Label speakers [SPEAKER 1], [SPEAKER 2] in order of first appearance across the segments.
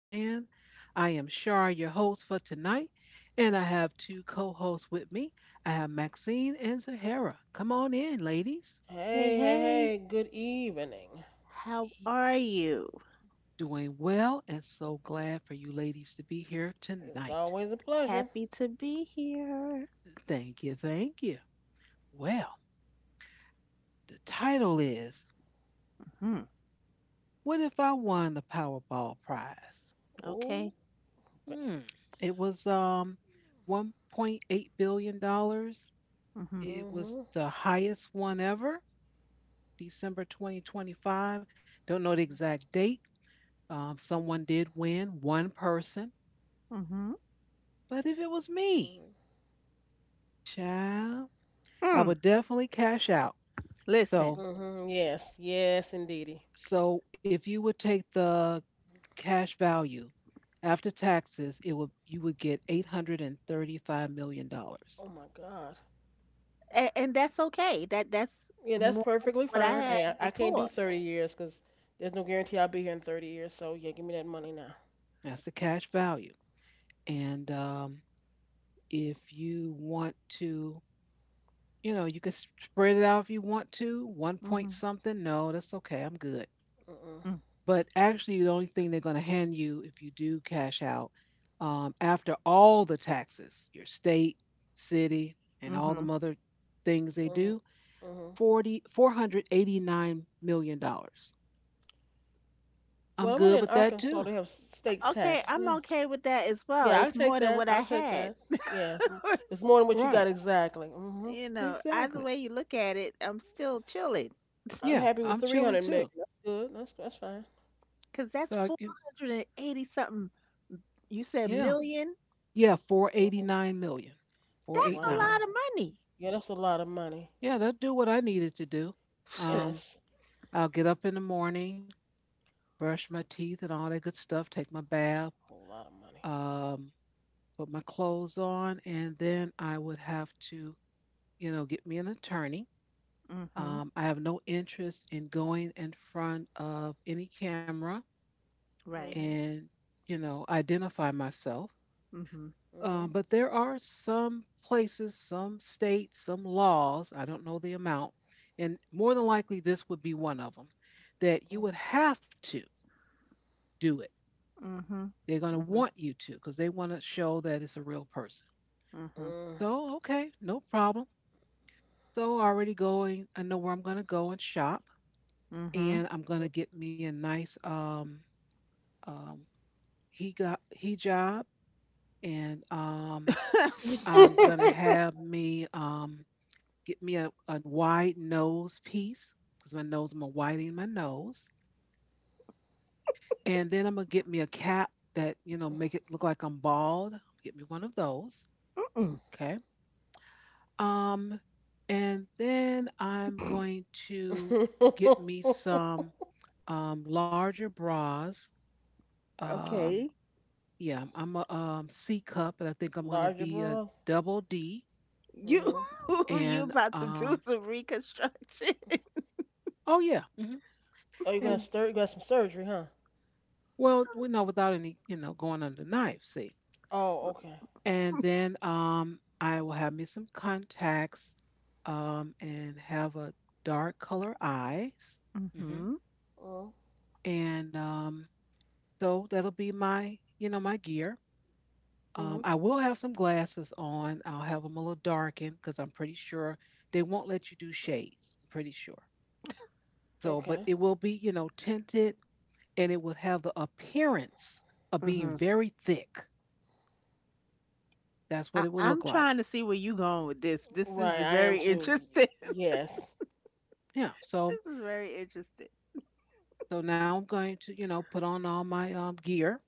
[SPEAKER 1] land. I am Shar, your host for tonight, and I have two co hosts with me. I have Maxine and Zahara. Come on in, ladies.
[SPEAKER 2] Hey,
[SPEAKER 3] Hey, hey,
[SPEAKER 2] hey,
[SPEAKER 3] hey, good evening.
[SPEAKER 2] how
[SPEAKER 1] Y-
[SPEAKER 2] are you?
[SPEAKER 1] Doing well, and so glad for you ladies to be here
[SPEAKER 3] It's
[SPEAKER 1] tonight.
[SPEAKER 3] always a pleasure.
[SPEAKER 2] Happy to be here.
[SPEAKER 1] Thank you, thank you. Well, the title is
[SPEAKER 2] Hmm,
[SPEAKER 1] What If I Won the Powerball Prize?
[SPEAKER 3] Oh,
[SPEAKER 2] okay.
[SPEAKER 3] mm-hmm,
[SPEAKER 1] Hmm, it was $1.8 billion dollars.
[SPEAKER 2] Mm-hmm.
[SPEAKER 1] It was
[SPEAKER 3] mm-hmm,
[SPEAKER 1] the highest one ever. December 2025. Don't know the exact date. Someone did win, one person.
[SPEAKER 2] Mm-hmm.
[SPEAKER 1] But if it was me,
[SPEAKER 3] mm-hmm.
[SPEAKER 1] child, I
[SPEAKER 2] Hmm.
[SPEAKER 1] would definitely cash out.
[SPEAKER 2] Listen,
[SPEAKER 1] So,
[SPEAKER 3] Mm-hmm. Yes, yes, indeedy.
[SPEAKER 1] so if you would take the cash value after taxes, it would you would get $835 million.
[SPEAKER 3] Oh my God.
[SPEAKER 2] and that's okay. That's
[SPEAKER 3] Yeah, that's
[SPEAKER 2] more than
[SPEAKER 3] perfectly
[SPEAKER 2] what I
[SPEAKER 3] fine.
[SPEAKER 2] had
[SPEAKER 3] Hey, I can't do
[SPEAKER 2] before.
[SPEAKER 3] 30 years, cause there's no guarantee I'll be here in 30 years. So yeah, give me that money now.
[SPEAKER 1] That's the cash value. And if you want to, you can spread it out if you want to. One
[SPEAKER 2] Mm-hmm.
[SPEAKER 1] point something. No, that's okay. I'm good.
[SPEAKER 3] Mm-mm,
[SPEAKER 1] But actually, the only thing they're going to hand you if you do cash out, after all the taxes, your state, city, and all
[SPEAKER 2] Mm-hmm.
[SPEAKER 1] the other things they
[SPEAKER 3] mm-hmm,
[SPEAKER 1] do,
[SPEAKER 3] mm-hmm.
[SPEAKER 1] forty four hundred eighty nine million dollars million.
[SPEAKER 3] Well,
[SPEAKER 1] I'm
[SPEAKER 3] I'm only
[SPEAKER 1] good
[SPEAKER 3] in
[SPEAKER 1] with that
[SPEAKER 3] Arkansas.
[SPEAKER 1] too.
[SPEAKER 3] They have state
[SPEAKER 2] Okay,
[SPEAKER 3] tax.
[SPEAKER 2] I'm
[SPEAKER 3] Yeah,
[SPEAKER 2] okay with that as well.
[SPEAKER 3] yeah, I'll
[SPEAKER 2] It's
[SPEAKER 3] take
[SPEAKER 2] more than
[SPEAKER 3] that.
[SPEAKER 2] what I
[SPEAKER 3] I'll take
[SPEAKER 2] had.
[SPEAKER 3] that. Yeah, it's m- it's more than what you got
[SPEAKER 1] Right.
[SPEAKER 3] exactly. Mm-hmm.
[SPEAKER 2] You know, either
[SPEAKER 1] Exactly.
[SPEAKER 2] way you look at it, I'm still chilling.
[SPEAKER 3] I'm
[SPEAKER 1] Yeah.
[SPEAKER 3] happy with
[SPEAKER 1] I'm chilling
[SPEAKER 3] 300 million.
[SPEAKER 1] too.
[SPEAKER 3] That's good. That's fine.
[SPEAKER 2] Because
[SPEAKER 1] So,
[SPEAKER 2] that's 480 something. You said
[SPEAKER 1] yeah.
[SPEAKER 2] million?
[SPEAKER 1] Yeah. four eighty
[SPEAKER 3] Mhm.
[SPEAKER 1] nine million, four
[SPEAKER 2] That's
[SPEAKER 1] eight
[SPEAKER 2] a
[SPEAKER 1] nine.
[SPEAKER 2] lot
[SPEAKER 3] Wow.
[SPEAKER 2] of money.
[SPEAKER 3] Yeah, that's a lot of money,
[SPEAKER 1] Yeah. That'll do what I needed to do.
[SPEAKER 3] and
[SPEAKER 1] Um,
[SPEAKER 3] it's
[SPEAKER 1] I'll get up in the morning, brush my teeth and all that good stuff, take my bath,
[SPEAKER 3] a whole lot of money.
[SPEAKER 1] um, put my clothes on, and then I would have to, get me an attorney.
[SPEAKER 2] Mm-hmm.
[SPEAKER 1] I have no interest in going in front of any camera
[SPEAKER 2] Right.
[SPEAKER 3] Mhm.
[SPEAKER 1] and, identify myself.
[SPEAKER 2] Mhm.
[SPEAKER 1] Um,
[SPEAKER 3] Mhm.
[SPEAKER 1] but there are some places, some states, some laws, I don't know the amount, and more than likely this would be one of them, that you would have to do it.
[SPEAKER 2] Mhm.
[SPEAKER 1] They're going to
[SPEAKER 2] Mhm.
[SPEAKER 1] want you to because they want to show that it's a real person.
[SPEAKER 2] Mhm.
[SPEAKER 1] So, okay, no problem. So already going, I know where I'm gonna go and shop,
[SPEAKER 2] Mhm.
[SPEAKER 1] and I'm
[SPEAKER 3] Mhm.
[SPEAKER 1] gonna get me a nice um he got hijab, and I'm gonna have me get me a wide nose piece because my nose I'm gonna widen my nose, and then I'm gonna get me a cap that make it look like I'm bald. Get me one of those,
[SPEAKER 2] Mm-mm.
[SPEAKER 1] okay? Um, and then I'm going to
[SPEAKER 3] Mm.
[SPEAKER 1] get me some larger bras. Um,
[SPEAKER 2] Okay.
[SPEAKER 1] yeah, I'm a C cup, and I think I'm going to
[SPEAKER 3] Larger
[SPEAKER 1] be a
[SPEAKER 3] bras.
[SPEAKER 1] double D.
[SPEAKER 2] You
[SPEAKER 3] Mhm.
[SPEAKER 2] you
[SPEAKER 1] And
[SPEAKER 2] about to do some reconstruction.
[SPEAKER 1] oh yeah, hmm
[SPEAKER 3] Oh, you got
[SPEAKER 1] and
[SPEAKER 3] stir. You got some surgery, huh?
[SPEAKER 1] well, we know without any, going under the knife. See,
[SPEAKER 3] Oh, okay.
[SPEAKER 1] and then I will have me some contacts, and have a dark color eyes. Hmm
[SPEAKER 2] Mhm.
[SPEAKER 3] Mhm.
[SPEAKER 1] And so that'll be my gear. Um,
[SPEAKER 3] Mhm.
[SPEAKER 1] I will have some glasses on. I'll have them a little darkened because I'm pretty sure they won't let you do shades. I'm pretty sure. So, but
[SPEAKER 3] Okay.
[SPEAKER 1] it will be, tinted, and it will have the appearance of being
[SPEAKER 2] Mhm.
[SPEAKER 1] very thick. That's what
[SPEAKER 2] I
[SPEAKER 1] it will
[SPEAKER 2] I'm
[SPEAKER 1] look like.
[SPEAKER 2] trying to see where you going with this. This is
[SPEAKER 3] Right, I
[SPEAKER 2] very
[SPEAKER 3] am too.
[SPEAKER 2] interesting.
[SPEAKER 3] Yes.
[SPEAKER 1] Yeah.
[SPEAKER 2] This
[SPEAKER 1] So,
[SPEAKER 2] is very interesting.
[SPEAKER 1] so now I'm going to, put on all my gear.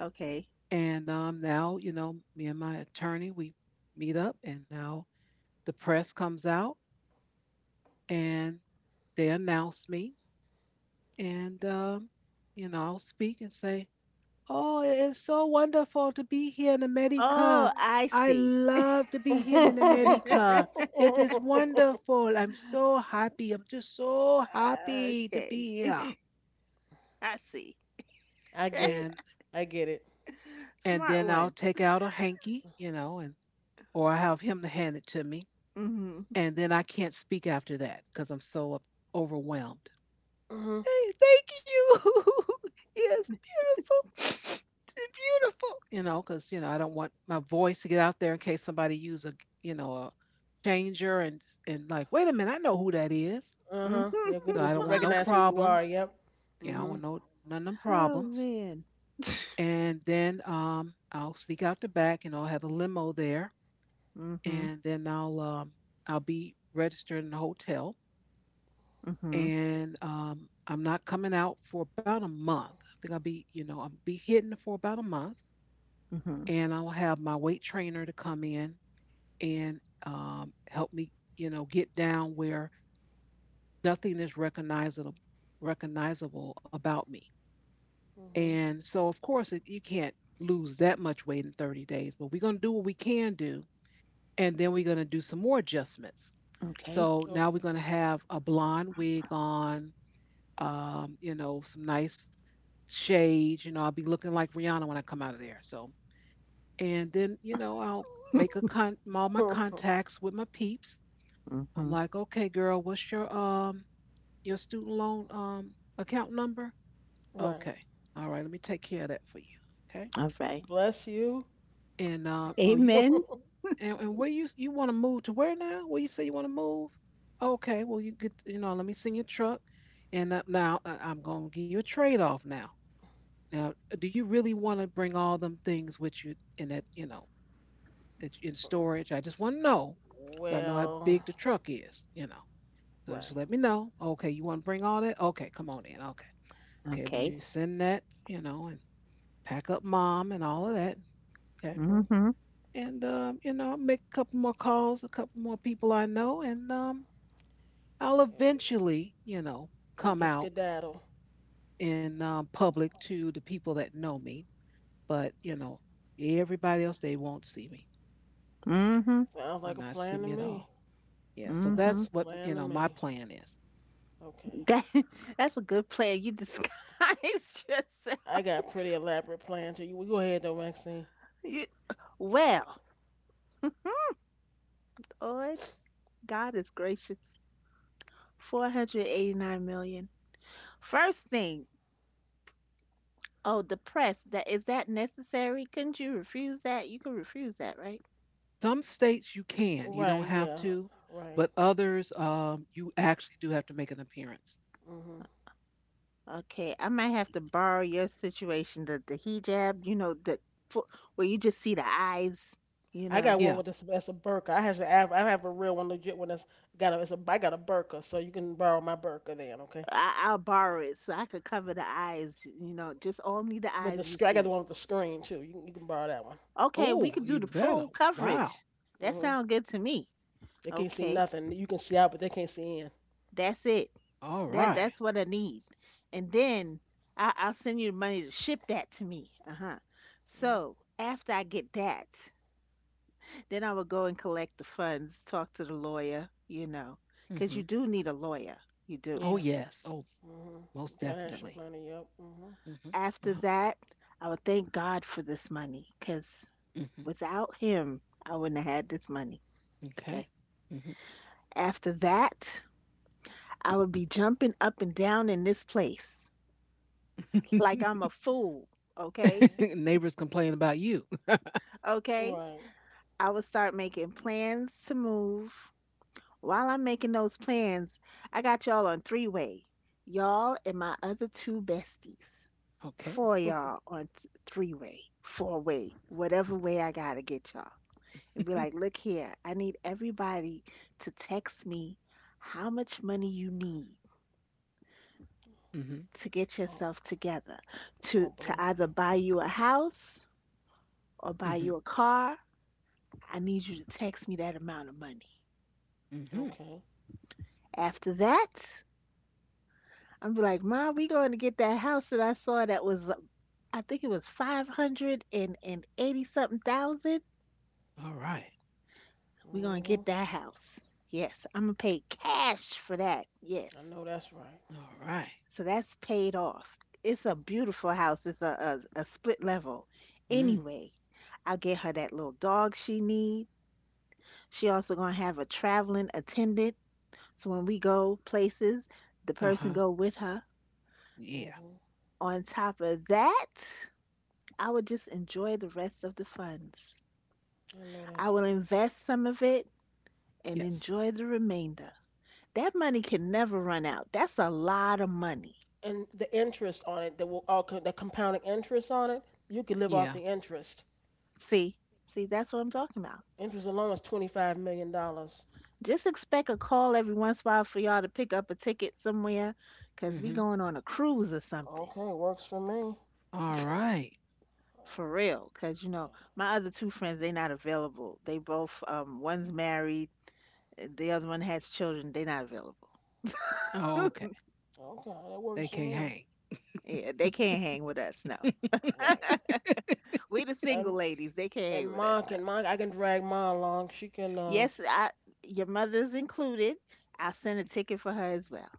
[SPEAKER 2] Okay.
[SPEAKER 1] And now, me and my attorney, we meet up, and now the press comes out and they announce me. And, um, I'll speak and say, "Oh, it is so wonderful to be here in
[SPEAKER 2] Oh,
[SPEAKER 1] America.
[SPEAKER 2] I
[SPEAKER 1] I
[SPEAKER 2] see.
[SPEAKER 1] love to be here in America. It is wonderful. I'm so happy. I'm just so happy to
[SPEAKER 2] Okay.
[SPEAKER 1] be here."
[SPEAKER 2] I see.
[SPEAKER 3] I get
[SPEAKER 1] And
[SPEAKER 3] it. I get it.
[SPEAKER 1] and
[SPEAKER 2] Smart
[SPEAKER 1] then I'll
[SPEAKER 2] one.
[SPEAKER 1] take out a hanky, and or I have him to hand it to me.
[SPEAKER 2] Mhm.
[SPEAKER 1] And then I can't speak after that because I'm so overwhelmed.
[SPEAKER 3] Mhm.
[SPEAKER 1] Hey, thank you. Yes, beautiful. Beautiful. Because, I don't want my voice to get out there in case somebody use a changer, and like, wait a minute, I know who that is.
[SPEAKER 3] Uh
[SPEAKER 2] Mhm.
[SPEAKER 3] huh. You can
[SPEAKER 1] So
[SPEAKER 3] do
[SPEAKER 1] I
[SPEAKER 3] to
[SPEAKER 1] don't want no
[SPEAKER 3] recognize who you are.
[SPEAKER 1] problems.
[SPEAKER 3] Yep.
[SPEAKER 1] Yeah, I don't
[SPEAKER 3] Mhm.
[SPEAKER 1] want no, none of them
[SPEAKER 2] Oh,
[SPEAKER 1] problems.
[SPEAKER 2] man.
[SPEAKER 1] And then I'll sneak out the back, and I'll have a limo there.
[SPEAKER 2] Mhm.
[SPEAKER 1] And then I'll be registered in the hotel,
[SPEAKER 2] Mhm.
[SPEAKER 1] and I'm not coming out for about a month. I think I'll be hidden for about a month,
[SPEAKER 2] Mhm.
[SPEAKER 1] and I'll have my weight trainer to come in and help me, get down where nothing is recognizable about me.
[SPEAKER 3] Mhm.
[SPEAKER 1] And so, of course, you can't lose that much weight in 30 days, but we're going to do what we can do, and then we're going to do some more adjustments.
[SPEAKER 2] Okay.
[SPEAKER 1] So now we're
[SPEAKER 3] Okay.
[SPEAKER 1] going to have a blonde wig on. Some nice shades. I'll be looking like Rihanna when I come out of there. So, and then, I'll make a con all my contacts with my peeps. I'm
[SPEAKER 2] Mhm.
[SPEAKER 1] like, okay, girl, what's your student loan account number? Okay,
[SPEAKER 3] Right.
[SPEAKER 1] all right, let me take care of that for you. Okay,
[SPEAKER 2] Alright.
[SPEAKER 3] Bless you.
[SPEAKER 1] and oh,
[SPEAKER 2] Amen.
[SPEAKER 1] and where you want to move to where now? Where you say you want to move? Okay, well you get you know, let me send your truck, and now I'm gonna give you a trade off now. Now, do you really want to bring all them things with you in that, in storage? I just want to know. So I know how
[SPEAKER 3] Well,
[SPEAKER 1] big the truck is, So just
[SPEAKER 3] right.
[SPEAKER 1] let me know. Okay, you want to bring all that? Okay, come on in. Okay. Okay, let me
[SPEAKER 2] Okay.
[SPEAKER 1] send that, and pack up mom and all of that.
[SPEAKER 3] Hmm.
[SPEAKER 1] Okay.
[SPEAKER 3] And
[SPEAKER 2] Mhm.
[SPEAKER 1] I'll make a couple more calls, a couple more people I know, and I'll eventually,
[SPEAKER 3] we
[SPEAKER 1] come
[SPEAKER 3] can
[SPEAKER 1] out
[SPEAKER 3] skedaddle.
[SPEAKER 1] in public to the people that know me. But everybody else they won't see me,
[SPEAKER 2] Mhm.
[SPEAKER 3] Sounds
[SPEAKER 1] or
[SPEAKER 3] like a
[SPEAKER 1] not see
[SPEAKER 3] plan to
[SPEAKER 1] me at
[SPEAKER 3] me.
[SPEAKER 1] all. Yeah, so
[SPEAKER 3] Sounds like
[SPEAKER 2] Mhm.
[SPEAKER 1] that's
[SPEAKER 3] a
[SPEAKER 1] what
[SPEAKER 3] plan to
[SPEAKER 1] my
[SPEAKER 3] me.
[SPEAKER 1] plan is.
[SPEAKER 3] Okay.
[SPEAKER 2] That that's a good plan. You disguise yourself.
[SPEAKER 3] I got pretty elaborate plan to you. We go ahead though, Maxine.
[SPEAKER 2] You, well, Lord, God is gracious. 489 million. First thing. Oh, the press. That is that necessary? Couldn't you refuse that? You could refuse that, right?
[SPEAKER 1] Some states you can, you don't
[SPEAKER 3] Right,
[SPEAKER 1] have
[SPEAKER 3] yeah.
[SPEAKER 1] to,
[SPEAKER 3] Right.
[SPEAKER 1] but others you actually do have to make an appearance.
[SPEAKER 3] Mhm.
[SPEAKER 2] Okay. I might have to borrow your situation. The hijab. You know the fu- where you just see the eyes. You
[SPEAKER 3] I
[SPEAKER 2] know.
[SPEAKER 3] got one
[SPEAKER 1] Yeah.
[SPEAKER 3] with this that's a burka. I have a real one, legit one that's got a it's a I got a burka, so you can borrow my burka then, okay?
[SPEAKER 2] I'll borrow it so I could cover the eyes, you know, just only the eyes you
[SPEAKER 3] I got
[SPEAKER 2] see.
[SPEAKER 3] the one with the screen too. You can borrow that one.
[SPEAKER 2] Okay, we
[SPEAKER 1] Oh,
[SPEAKER 2] could do the
[SPEAKER 1] even better.
[SPEAKER 2] full
[SPEAKER 1] Wow.
[SPEAKER 2] coverage. That
[SPEAKER 3] Mm-hmm.
[SPEAKER 2] sounds good to me.
[SPEAKER 3] They can't see
[SPEAKER 2] Okay,
[SPEAKER 3] nothing. You can see out, but they can't see in.
[SPEAKER 2] that's it.
[SPEAKER 1] All
[SPEAKER 2] That
[SPEAKER 1] right.
[SPEAKER 2] that's what I need. And then I'll send you the money to ship that to me. Uh huh.
[SPEAKER 3] Hmm.
[SPEAKER 2] So after I get that, then I will go and collect the funds, talk to the lawyer, because
[SPEAKER 1] Mm-hmm.
[SPEAKER 2] you do need a lawyer. You do.
[SPEAKER 1] Oh
[SPEAKER 3] Yeah.
[SPEAKER 1] yes. Oh,
[SPEAKER 3] Hmm.
[SPEAKER 1] most
[SPEAKER 3] Financial
[SPEAKER 1] definitely.
[SPEAKER 3] planner. Yep. Hmm.
[SPEAKER 1] Mm-hmm. Uh-huh.
[SPEAKER 2] After that, I would thank God for this money because
[SPEAKER 1] Mm-hmm.
[SPEAKER 2] without him, I wouldn't have had this money.
[SPEAKER 1] Okay.
[SPEAKER 2] Okay. After that, I would be jumping up and down in this place
[SPEAKER 1] Mm-hmm.
[SPEAKER 2] like I'm a fool. Okay.
[SPEAKER 3] Hmm.
[SPEAKER 1] Neighbors complain about you.
[SPEAKER 2] Okay.
[SPEAKER 3] Right.
[SPEAKER 2] I would start making plans to move. While I'm making those plans, I got y'all on three way. Y'all and my other two besties.
[SPEAKER 1] Okay.
[SPEAKER 2] Four y'all on three way, four-way, whatever way I gotta get y'all. And be like, look here, I need everybody to text me how much money you need
[SPEAKER 1] Mm-hmm.
[SPEAKER 2] to get
[SPEAKER 3] Oh,
[SPEAKER 2] yourself together
[SPEAKER 3] oh,
[SPEAKER 2] to
[SPEAKER 3] bless you.
[SPEAKER 2] either buy you a house or buy
[SPEAKER 1] Mm-hmm.
[SPEAKER 2] you a car. I need you to text me that amount of money.
[SPEAKER 1] Mm-hmm.
[SPEAKER 3] Okay.
[SPEAKER 2] After that, I'm be like, Mom, we going to get that house that I saw that was I think it was 500 and 80 something thousand.
[SPEAKER 1] All right.
[SPEAKER 2] Going gonna get
[SPEAKER 3] Hmm.
[SPEAKER 2] that house. Yes, I'm gonna pay cash for that.
[SPEAKER 3] I
[SPEAKER 2] Yes.
[SPEAKER 3] know that's right.
[SPEAKER 1] All right.
[SPEAKER 2] So that's paid off. It's a beautiful house. It's a split level.
[SPEAKER 1] Mm.
[SPEAKER 2] Anyway, I'll get her that little dog she needs. She also gonna have a traveling attendant. So when we go places, the
[SPEAKER 1] Uh
[SPEAKER 2] person
[SPEAKER 1] huh.
[SPEAKER 2] go with her.
[SPEAKER 1] Yeah.
[SPEAKER 3] Hmm.
[SPEAKER 2] On top of that, I would just enjoy the rest of the funds.
[SPEAKER 3] I know
[SPEAKER 2] I
[SPEAKER 3] that's
[SPEAKER 2] will
[SPEAKER 3] right.
[SPEAKER 2] invest some of it and
[SPEAKER 1] Yes.
[SPEAKER 2] enjoy the remainder. That money can never run out. That's a lot of money.
[SPEAKER 3] And the interest on it, that will all the compounding interest on it, you could live off
[SPEAKER 1] Yeah.
[SPEAKER 3] the interest.
[SPEAKER 2] See? See, that's what I'm talking about.
[SPEAKER 3] Interest alone is $25 million.
[SPEAKER 2] Just expect a call every once in a while for y'all to pick up a ticket somewhere, 'cause we
[SPEAKER 1] Mm-hmm.
[SPEAKER 2] going on a cruise or something.
[SPEAKER 3] Okay, works for me.
[SPEAKER 1] All right.
[SPEAKER 3] Right.
[SPEAKER 2] For real, 'cause you know, my other two friends, they not available. They both, one's married, the other one has children. They not available.
[SPEAKER 1] Oh, okay.
[SPEAKER 3] Oh, okay, that
[SPEAKER 1] They
[SPEAKER 3] works for
[SPEAKER 1] can't
[SPEAKER 3] me.
[SPEAKER 1] hang.
[SPEAKER 2] Yeah, they can't hang with us, no.
[SPEAKER 3] Right.
[SPEAKER 2] We the
[SPEAKER 3] And
[SPEAKER 2] single ladies, they can't hang with us,
[SPEAKER 3] Ma
[SPEAKER 2] no.
[SPEAKER 3] can Ma I can drag Ma along. She can
[SPEAKER 2] Yes, your mother's included. I'll send a ticket for her as well.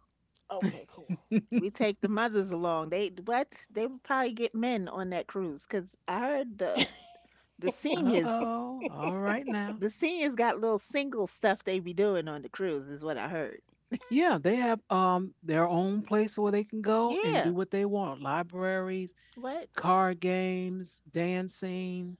[SPEAKER 3] okay, cool.
[SPEAKER 2] We take the mothers along. They what? They would probably get men on that cruise because I heard the The
[SPEAKER 1] Uh
[SPEAKER 2] seniors,
[SPEAKER 1] oh. All right now.
[SPEAKER 2] the seniors got little single stuff they be doing on the cruise, is what I heard.
[SPEAKER 1] Yeah, they have their own place where they can go and do
[SPEAKER 2] Yeah,
[SPEAKER 1] what they want. Libraries,
[SPEAKER 2] what
[SPEAKER 1] card games, dancing,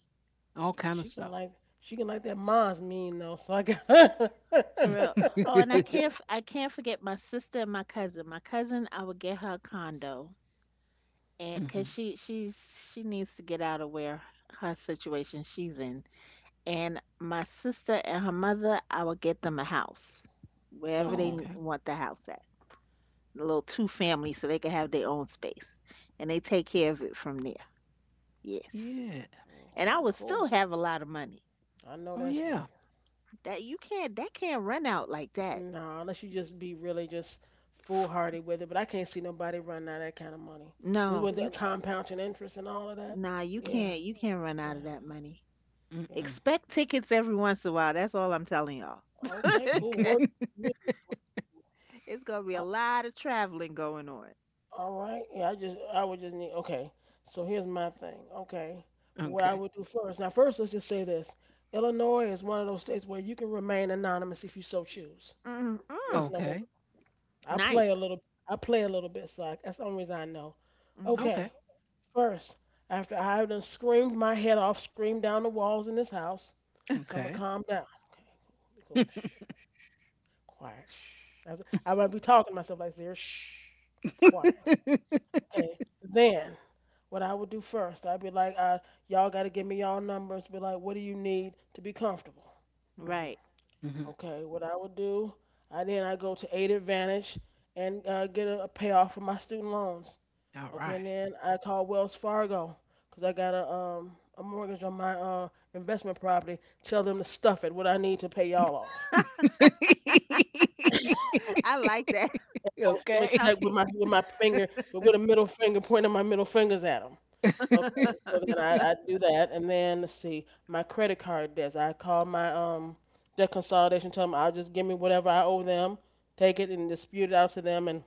[SPEAKER 1] all kind of
[SPEAKER 3] she can
[SPEAKER 1] stuff.
[SPEAKER 3] like she can like that Ma's mean though, so I got
[SPEAKER 2] for real?
[SPEAKER 1] Hmm.
[SPEAKER 2] Oh, and I can't forget my sister and my cousin. My cousin, I would get her a condo, and cause she needs to get out of where her situation she's in. And my sister and her mother, I would get them a house wherever
[SPEAKER 1] Oh,
[SPEAKER 2] they
[SPEAKER 3] Okay.
[SPEAKER 1] okay.
[SPEAKER 2] want the house at. A little two family so they can have their own space. And they take care of it from there. Yes.
[SPEAKER 1] Yeah.
[SPEAKER 2] And I
[SPEAKER 3] Okay,
[SPEAKER 2] would still
[SPEAKER 3] cool.
[SPEAKER 2] have a lot of money.
[SPEAKER 3] I know
[SPEAKER 1] Oh,
[SPEAKER 3] that's
[SPEAKER 1] yeah.
[SPEAKER 3] right.
[SPEAKER 2] That can't run out like that.
[SPEAKER 3] Nah, unless you just be really just foolhardy with it, but I can't see nobody running out of that kind of money.
[SPEAKER 2] No,
[SPEAKER 3] With the Mm. compounding interest and all of that.
[SPEAKER 2] nah, you
[SPEAKER 3] Yeah.
[SPEAKER 2] can't you can't run out of
[SPEAKER 3] Yeah,
[SPEAKER 2] that money.
[SPEAKER 3] yeah.
[SPEAKER 1] Mm-mm.
[SPEAKER 2] Expect tickets every once in a while. That's all I'm telling y'all. all
[SPEAKER 3] Okay, cool. Work
[SPEAKER 2] It's gonna be a lot of traveling going on.
[SPEAKER 3] All right. I would just need okay. So here's my thing. Okay. What I
[SPEAKER 1] Okay.
[SPEAKER 3] would do first. Now first let's just say this. Illinois is one of those states where you can remain anonymous if you so choose. That's
[SPEAKER 2] Mm-mm.
[SPEAKER 3] number one.
[SPEAKER 1] Okay.
[SPEAKER 3] I play
[SPEAKER 2] Nice.
[SPEAKER 3] a little I play a little bit, so that's the only reason I know.
[SPEAKER 2] Hmm.
[SPEAKER 1] Okay.
[SPEAKER 3] Okay. First, after I have done screamed my head off, screamed down the walls in this house, come and
[SPEAKER 1] Okay.
[SPEAKER 3] calm down. Okay, cool, cool. Shh, quiet. Shh. I might be talking to myself like this. Shh, quiet. Okay. Then what I would do first, I'd be like, y'all got to give me y'all numbers. Be like, what do you need to be comfortable? Hmm.
[SPEAKER 2] Right.
[SPEAKER 1] Mhm.
[SPEAKER 3] Okay, what I would do, I go to Aid Advantage and get a payoff for my student loans.
[SPEAKER 1] All
[SPEAKER 3] Okay,
[SPEAKER 1] right.
[SPEAKER 3] and then I call Wells Fargo because I got a mortgage on my investment property. Tell them to stuff it. What I need to pay y'all off. I
[SPEAKER 2] I like that.
[SPEAKER 3] was them a
[SPEAKER 1] Okay.
[SPEAKER 2] Stuff
[SPEAKER 3] check
[SPEAKER 2] it.
[SPEAKER 3] with my finger with a middle finger pointing my middle fingers at them. Okay, so then I do that, and then let's see, my credit card debts. I call my the consolidation, tell them I'll just give me whatever I owe them, take it and dispute it out to them, and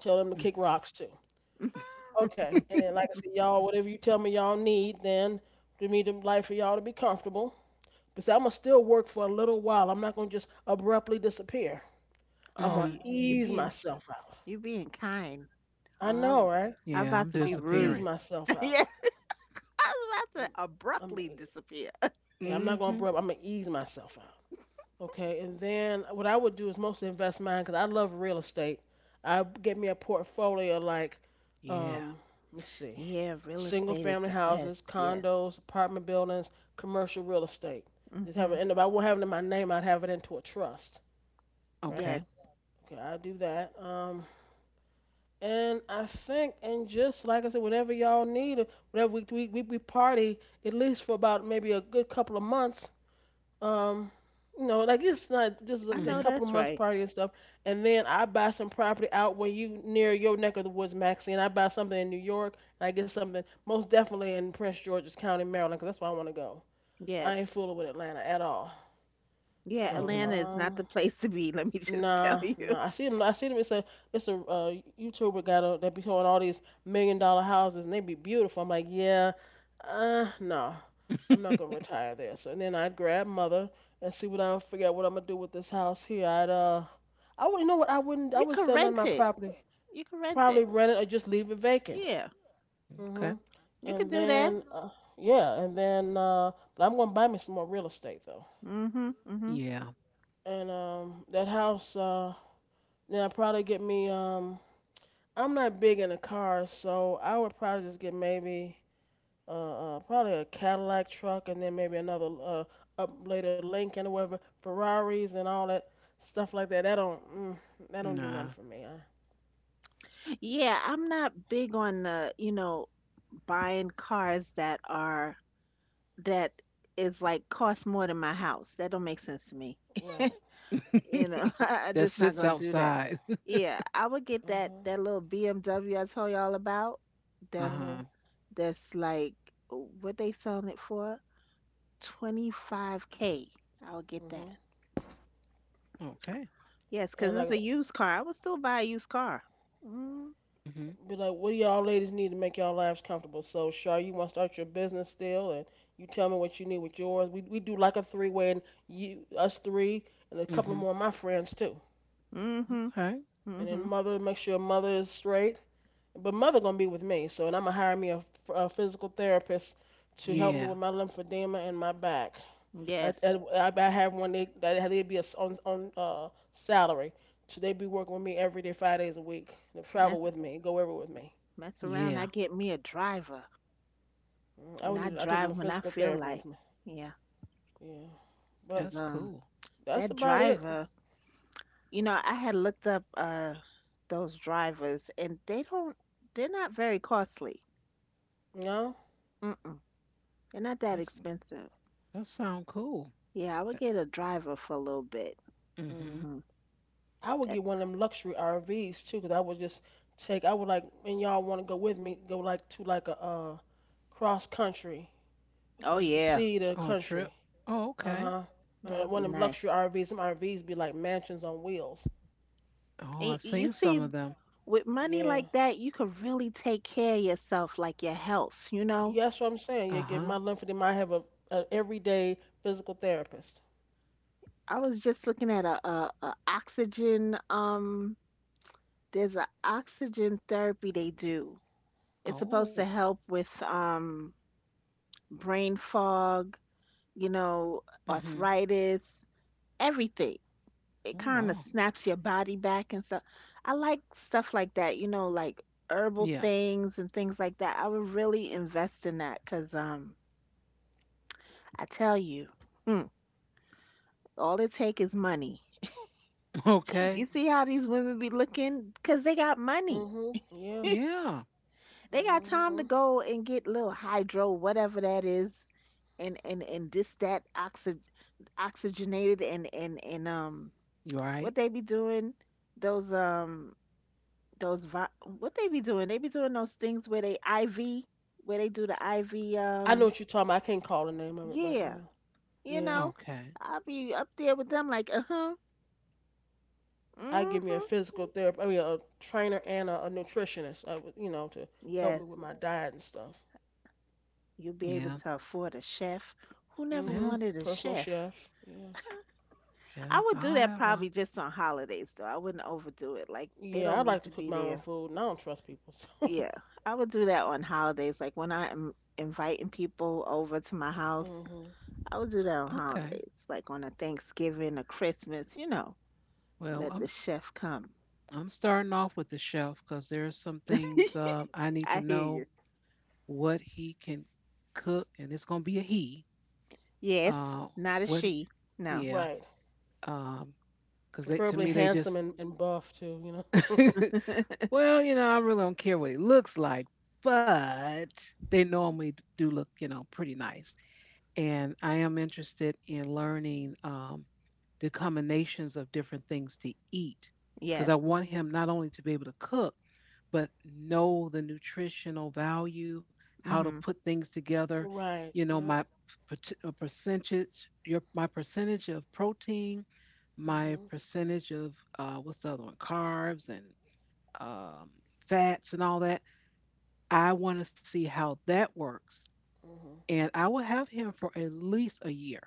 [SPEAKER 3] tell them to kick rocks too. Okay, and then like I said, y'all, whatever you tell me y'all need, then to me the life for y'all to be comfortable. But see, I'm gonna still work for a little while. I'm not gonna just abruptly disappear. I'm
[SPEAKER 2] Oh,
[SPEAKER 3] gonna
[SPEAKER 1] Mm-hmm.
[SPEAKER 2] you are
[SPEAKER 3] ease
[SPEAKER 2] being
[SPEAKER 3] myself out.
[SPEAKER 2] you are being kind.
[SPEAKER 3] I
[SPEAKER 2] Oh,
[SPEAKER 3] know,
[SPEAKER 2] I'm,
[SPEAKER 3] right?
[SPEAKER 2] I'm
[SPEAKER 1] Yeah,
[SPEAKER 2] about
[SPEAKER 1] I'm
[SPEAKER 2] to
[SPEAKER 3] I'm
[SPEAKER 2] be
[SPEAKER 3] gonna ease
[SPEAKER 2] rude.
[SPEAKER 1] disappearing.
[SPEAKER 3] myself
[SPEAKER 2] Yeah.
[SPEAKER 3] out.
[SPEAKER 2] I was about
[SPEAKER 3] I'm,
[SPEAKER 2] to
[SPEAKER 3] I'm,
[SPEAKER 2] abruptly disappear.
[SPEAKER 3] yeah, I'm not gonna
[SPEAKER 1] Hmm.
[SPEAKER 3] abrupt. I'm gonna ease myself Okay, and then what I would do is mostly invest mine because I love real estate. I get me a portfolio like,
[SPEAKER 1] Yeah.
[SPEAKER 3] um, let's see,
[SPEAKER 2] Yeah, real
[SPEAKER 3] single
[SPEAKER 2] estate is
[SPEAKER 3] family
[SPEAKER 2] the
[SPEAKER 3] houses,
[SPEAKER 2] best. Yes.
[SPEAKER 3] condos, apartment buildings, commercial real estate. Just have
[SPEAKER 2] Hmm.
[SPEAKER 3] it, and if I won't have it in my name, I'd have it into a trust, right?
[SPEAKER 1] Okay.
[SPEAKER 2] Yes.
[SPEAKER 3] Okay, I do that. And I think, and just like I said, whenever y'all need it, whenever we party, at least for about maybe a good couple of months, um you know like it's not just
[SPEAKER 2] I
[SPEAKER 3] like a
[SPEAKER 2] know
[SPEAKER 1] Hmm.
[SPEAKER 3] couple of
[SPEAKER 2] that's
[SPEAKER 3] months
[SPEAKER 2] right.
[SPEAKER 3] party and stuff and then I buy some property out where you near your neck of the woods Maxie and I buy something in New York and I get something most definitely in Prince George's county Maryland, 'cause that's where I want to go. I ain't
[SPEAKER 2] Yes.
[SPEAKER 3] fooling with Atlanta at all
[SPEAKER 2] Yeah,
[SPEAKER 3] so
[SPEAKER 1] Mm-hmm.
[SPEAKER 2] Atlanta is not the place to be, let me just tell
[SPEAKER 3] Nah,
[SPEAKER 2] you.
[SPEAKER 3] nah. I see them. I see them. It's a YouTuber guy though that be showing all these million dollar houses and they be beautiful. I'm like, yeah, no, I'm not gonna retire there. So and then I'd grab mother and see what I figure out what I'm gonna do with this house here. I'd I would you know what I
[SPEAKER 2] You
[SPEAKER 3] wouldn't
[SPEAKER 2] can
[SPEAKER 3] sell none of
[SPEAKER 2] rent
[SPEAKER 3] my
[SPEAKER 2] it.
[SPEAKER 3] property.
[SPEAKER 2] You can rent
[SPEAKER 3] Probably
[SPEAKER 2] it.
[SPEAKER 3] rent it or just leave it vacant.
[SPEAKER 2] Yeah.
[SPEAKER 1] Okay.
[SPEAKER 3] Mhm.
[SPEAKER 2] You could
[SPEAKER 3] And
[SPEAKER 2] do that.
[SPEAKER 3] then yeah, and then but I'm gonna buy me some more real estate though.
[SPEAKER 2] Hmm. Hmm.
[SPEAKER 1] Yeah.
[SPEAKER 3] And that house then I probably get me I'm not big into cars, so I would probably just get maybe probably a Cadillac truck and then maybe another up later Lincoln or whatever Ferraris and all that stuff like that. That don't mm, that don't do nothing
[SPEAKER 1] Nah.
[SPEAKER 3] for me. I,
[SPEAKER 2] Yeah, I'm not big on the, you know, buying cars that are that is like cost more than my house. That don't make sense to me.
[SPEAKER 3] right.
[SPEAKER 2] You know, I
[SPEAKER 1] That
[SPEAKER 2] just not
[SPEAKER 1] sits
[SPEAKER 2] gonna do that.
[SPEAKER 1] outside.
[SPEAKER 2] Yeah, I would get that
[SPEAKER 3] Mhm.
[SPEAKER 2] that little BMW I told y'all about.
[SPEAKER 1] Uh-huh.
[SPEAKER 3] Mhm.
[SPEAKER 2] That's that's like what they selling it for? 25K. I would get that.
[SPEAKER 3] Mhm.
[SPEAKER 1] Okay.
[SPEAKER 2] Yes, 'cause
[SPEAKER 3] And
[SPEAKER 2] it's
[SPEAKER 3] like
[SPEAKER 2] a used car. I would still buy a used car. Mm,
[SPEAKER 1] Hmm.
[SPEAKER 3] be like, what do y'all ladies need to make y'all lives comfortable? So Shar, you want to start your business still, and you tell me what you need with yours. We do like a three way, and you us three and a couple of
[SPEAKER 1] Hmm.
[SPEAKER 3] more of my friends too.
[SPEAKER 2] mm-hmm.
[SPEAKER 1] Okay.
[SPEAKER 3] And then
[SPEAKER 2] Mm-hmm.
[SPEAKER 3] mother make sure mother is straight. But mother gonna be with me, so and I'm gonna hire me a physical therapist to help me
[SPEAKER 1] Yeah.
[SPEAKER 3] with my lymphedema and my back.
[SPEAKER 2] Yes.
[SPEAKER 3] I have one they that they'd be a s on salary, so they'd be working with me every day, 5 days a week. They
[SPEAKER 2] Mess,
[SPEAKER 3] travel with me, go everywhere with me.
[SPEAKER 2] mess around. I
[SPEAKER 1] Yeah.
[SPEAKER 2] get me a driver
[SPEAKER 3] Mm, I
[SPEAKER 2] and
[SPEAKER 3] would
[SPEAKER 2] I
[SPEAKER 3] need I take
[SPEAKER 2] drive
[SPEAKER 3] my
[SPEAKER 2] when I
[SPEAKER 3] physical
[SPEAKER 2] feel
[SPEAKER 3] therapy
[SPEAKER 2] like.
[SPEAKER 3] with me.
[SPEAKER 2] Yeah,
[SPEAKER 3] Yeah,
[SPEAKER 2] 'cause
[SPEAKER 3] but
[SPEAKER 1] That's cool.
[SPEAKER 3] that's
[SPEAKER 2] that
[SPEAKER 3] about it.
[SPEAKER 2] driver. You know, I had looked up those drivers, and they're not very costly.
[SPEAKER 3] You know.
[SPEAKER 2] Mm-mm. They're not that
[SPEAKER 1] That's
[SPEAKER 2] expensive.
[SPEAKER 1] that sound cool.
[SPEAKER 2] Yeah, I would
[SPEAKER 1] That-
[SPEAKER 2] get a driver for a little bit.
[SPEAKER 1] hmm.
[SPEAKER 2] Mm-hmm.
[SPEAKER 3] I would get one of them luxury RVs too, 'cause I would just take. I would like, and y'all want to go with me? Go like to like a cross country,
[SPEAKER 2] Oh
[SPEAKER 3] just
[SPEAKER 2] yeah,
[SPEAKER 3] see the
[SPEAKER 1] Oh, a trip.
[SPEAKER 3] country.
[SPEAKER 1] Oh, okay.
[SPEAKER 3] Uh-huh.
[SPEAKER 2] that would be
[SPEAKER 3] One of them luxury
[SPEAKER 2] nice.
[SPEAKER 3] RVs. Some RVs be like mansions on wheels.
[SPEAKER 1] Oh,
[SPEAKER 2] And
[SPEAKER 1] I've
[SPEAKER 2] you
[SPEAKER 1] seen some
[SPEAKER 2] see,
[SPEAKER 1] of them.
[SPEAKER 2] with money
[SPEAKER 3] Yeah.
[SPEAKER 2] like that, you could really take care of yourself, like your health, you know?
[SPEAKER 3] Yeah, that's what I'm saying. You get
[SPEAKER 1] Uh-huh.
[SPEAKER 3] my lymph edema. A everyday physical therapist.
[SPEAKER 2] I was just looking at a oxygen, there's a oxygen therapy they do. It's supposed
[SPEAKER 1] Oh.
[SPEAKER 2] to help with brain fog, you know,
[SPEAKER 1] Hmm.
[SPEAKER 2] arthritis, everything.
[SPEAKER 1] Oh,
[SPEAKER 2] It kind of
[SPEAKER 1] wow.
[SPEAKER 2] snaps your body back and stuff. I like stuff like that, like herbal
[SPEAKER 1] Yeah.
[SPEAKER 2] things and things like that. I would really invest in that because I tell you, mm, all it take is money. You
[SPEAKER 1] Okay.
[SPEAKER 2] see how these women be looking? Because they got money.
[SPEAKER 3] Mhm. Yeah.
[SPEAKER 1] Yeah.
[SPEAKER 2] They got time
[SPEAKER 3] Mhm.
[SPEAKER 2] to go and get little hydro, whatever that is, and this that oxy, oxygenated and
[SPEAKER 1] You right?
[SPEAKER 2] what they be doing, those um those what they be doing those things where they iv where they do the iv,
[SPEAKER 3] I know
[SPEAKER 2] um
[SPEAKER 3] what you're talking about. I can't call the name of it right
[SPEAKER 2] yeah,
[SPEAKER 3] now.
[SPEAKER 2] you
[SPEAKER 3] Yeah.
[SPEAKER 2] know,
[SPEAKER 1] Okay.
[SPEAKER 2] I'll be up there with them like, uh-huh,
[SPEAKER 3] I give me a
[SPEAKER 2] mm-hmm.
[SPEAKER 3] physical therapist, I mean a trainer and a nutritionist, I would, you know, to help me with my
[SPEAKER 2] Yes,
[SPEAKER 3] diet and stuff.
[SPEAKER 2] you'll be able
[SPEAKER 1] Yeah.
[SPEAKER 2] to afford a chef who never
[SPEAKER 1] Yeah.
[SPEAKER 3] Mhm.
[SPEAKER 2] wanted a
[SPEAKER 3] Personal
[SPEAKER 2] chef.
[SPEAKER 3] chef. Yeah.
[SPEAKER 2] I
[SPEAKER 1] Yeah.
[SPEAKER 2] would do
[SPEAKER 1] I'll
[SPEAKER 2] that
[SPEAKER 1] have one.
[SPEAKER 2] probably just on holidays, though. I wouldn't overdo it, like they
[SPEAKER 3] Yeah,
[SPEAKER 2] don't
[SPEAKER 3] I
[SPEAKER 2] need
[SPEAKER 3] like
[SPEAKER 2] to
[SPEAKER 3] to cook
[SPEAKER 2] be
[SPEAKER 3] my own
[SPEAKER 2] there.
[SPEAKER 3] food, and I don't trust people. So.
[SPEAKER 2] Yeah, I would do that on holidays, like when I'm inviting people over to my house.
[SPEAKER 3] Mhm.
[SPEAKER 2] I would do that on
[SPEAKER 1] Okay.
[SPEAKER 2] holidays, like on a Thanksgiving, a Christmas, you know.
[SPEAKER 1] Well,
[SPEAKER 2] Let
[SPEAKER 3] Mhm.
[SPEAKER 2] the chef come.
[SPEAKER 1] I'm starting off with the chef because there's some things, I need to
[SPEAKER 2] I hear
[SPEAKER 1] know
[SPEAKER 2] you.
[SPEAKER 1] what he can cook, and it's gonna be a he.
[SPEAKER 2] Yes,
[SPEAKER 1] Uh,
[SPEAKER 2] not a
[SPEAKER 1] what?
[SPEAKER 2] she. No.
[SPEAKER 1] Yeah.
[SPEAKER 3] Right.
[SPEAKER 1] Um, because they to
[SPEAKER 3] Preferably
[SPEAKER 1] me they
[SPEAKER 3] handsome
[SPEAKER 1] just
[SPEAKER 3] and buff too, you know.
[SPEAKER 1] well, I really don't care what it looks like, but they normally do look, pretty nice. And I am interested in learning. The combinations of different things to eat, because I
[SPEAKER 2] Yes.
[SPEAKER 1] want
[SPEAKER 3] Mhm.
[SPEAKER 1] him not only to be able to cook, but know the nutritional value, how to
[SPEAKER 2] Mm-hmm.
[SPEAKER 1] put things together.
[SPEAKER 3] Right.
[SPEAKER 1] You know,
[SPEAKER 3] Yep.
[SPEAKER 1] my percentage, your my percentage of protein, my
[SPEAKER 3] Mhm.
[SPEAKER 1] percentage of what's the other one, carbs and um, fats and all that. I want to see how that works,
[SPEAKER 3] Mhm.
[SPEAKER 1] and I will have him for at least a year,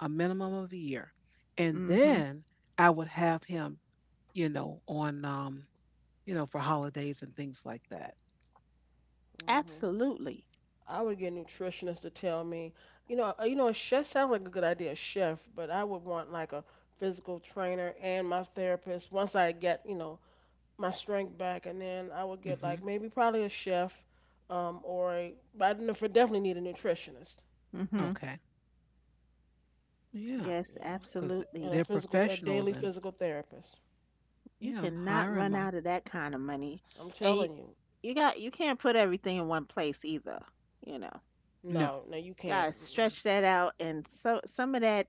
[SPEAKER 1] a minimum of a year, and
[SPEAKER 2] Mm-hmm.
[SPEAKER 1] then I would have him, on, for holidays and things like that.
[SPEAKER 3] Mhm.
[SPEAKER 2] Absolutely.
[SPEAKER 3] I would get a nutritionist to tell me, a chef sounds like a good idea, a chef, but I would want like a physical trainer and my therapist once I get, you know, my strength back, and then I would get
[SPEAKER 1] Hmm.
[SPEAKER 3] like maybe probably a chef, or a, but I don't know if I definitely need a nutritionist,
[SPEAKER 2] Mm-hmm.
[SPEAKER 1] Okay, yeah,
[SPEAKER 2] Yes,
[SPEAKER 1] because
[SPEAKER 3] yeah, and
[SPEAKER 2] absolutely.
[SPEAKER 3] a
[SPEAKER 1] they're
[SPEAKER 3] physical, a
[SPEAKER 1] professionals,
[SPEAKER 3] daily
[SPEAKER 1] and
[SPEAKER 3] physical therapist.
[SPEAKER 2] You
[SPEAKER 1] yeah, I'm
[SPEAKER 2] cannot
[SPEAKER 1] hiring
[SPEAKER 2] run
[SPEAKER 1] my,
[SPEAKER 2] out of that kind of money.
[SPEAKER 3] I'm
[SPEAKER 2] And you,
[SPEAKER 3] telling you,
[SPEAKER 2] you got you can't put everything in one place either, you know.
[SPEAKER 1] no,
[SPEAKER 3] no, no, you can't.
[SPEAKER 2] Gotta
[SPEAKER 3] Mm-mm.
[SPEAKER 2] stretch that out, and so some of that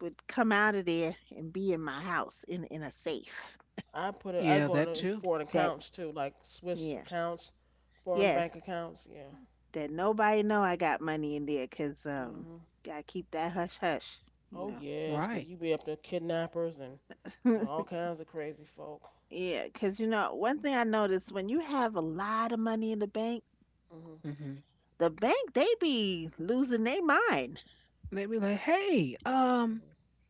[SPEAKER 2] would come out of there and be in my house in a safe.
[SPEAKER 3] I
[SPEAKER 1] yeah,
[SPEAKER 3] go
[SPEAKER 1] that
[SPEAKER 3] into
[SPEAKER 1] too,
[SPEAKER 3] foreign
[SPEAKER 2] That
[SPEAKER 3] accounts too, like Swiss
[SPEAKER 2] yeah.
[SPEAKER 3] accounts, foreign bank
[SPEAKER 2] Yes.
[SPEAKER 3] accounts, yeah.
[SPEAKER 2] That nobody know I got money in there, 'cause
[SPEAKER 3] Hmm.
[SPEAKER 2] gotta keep that hush hush, you
[SPEAKER 3] Oh
[SPEAKER 2] know.
[SPEAKER 3] yes, 'cause
[SPEAKER 1] right?
[SPEAKER 3] you be up to kidnappers and all kinds of crazy folk.
[SPEAKER 2] Yeah, 'cause you know, one thing I noticed, when you have a lot of money in
[SPEAKER 3] Hmm.
[SPEAKER 1] Hmm.
[SPEAKER 2] the bank they be losing their mind.
[SPEAKER 1] They'd be like, hey,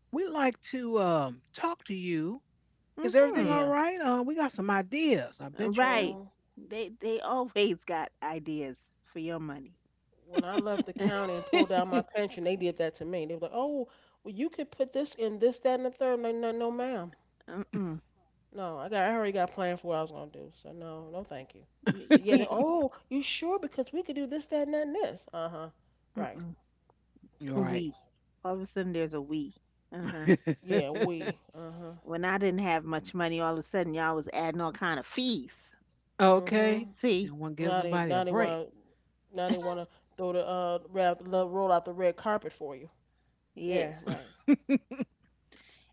[SPEAKER 1] we'd like to talk to you. Is everything
[SPEAKER 2] Mhm.
[SPEAKER 1] all
[SPEAKER 3] Yeah.
[SPEAKER 1] right? We got some ideas. I bet you do.
[SPEAKER 2] Right.
[SPEAKER 3] Hmm.
[SPEAKER 2] They always got ideas for your money.
[SPEAKER 3] When I left the county and pulled out my pension, they did that to me. They were like, "Oh, well, you could put this in this, that, and the third." No, no, no, ma'am.
[SPEAKER 2] Mm-mm.
[SPEAKER 3] No, I got, I already got planned for what I was gonna do. So no, no, thank you.
[SPEAKER 2] You
[SPEAKER 3] But yeah, they,
[SPEAKER 2] can't.
[SPEAKER 3] oh, you sure? Because we could do this, that, and that, and this. Uh huh. Right.
[SPEAKER 2] Mm-mm.
[SPEAKER 1] You right.
[SPEAKER 2] We. All of a sudden, there's a we. Uh huh.
[SPEAKER 3] Yeah, we. Uh huh.
[SPEAKER 2] When I didn't have much money, all of a sudden y'all was adding all kind of fees.
[SPEAKER 1] Okay.
[SPEAKER 3] Mhm.
[SPEAKER 1] They
[SPEAKER 2] See?
[SPEAKER 1] don't want to give
[SPEAKER 3] Now they,
[SPEAKER 1] nobody a
[SPEAKER 3] now they
[SPEAKER 1] break.
[SPEAKER 3] want Now they want to throw the ra- lo- roll out the red carpet for you. Yeah,
[SPEAKER 2] Yes.
[SPEAKER 3] right.
[SPEAKER 1] Okay.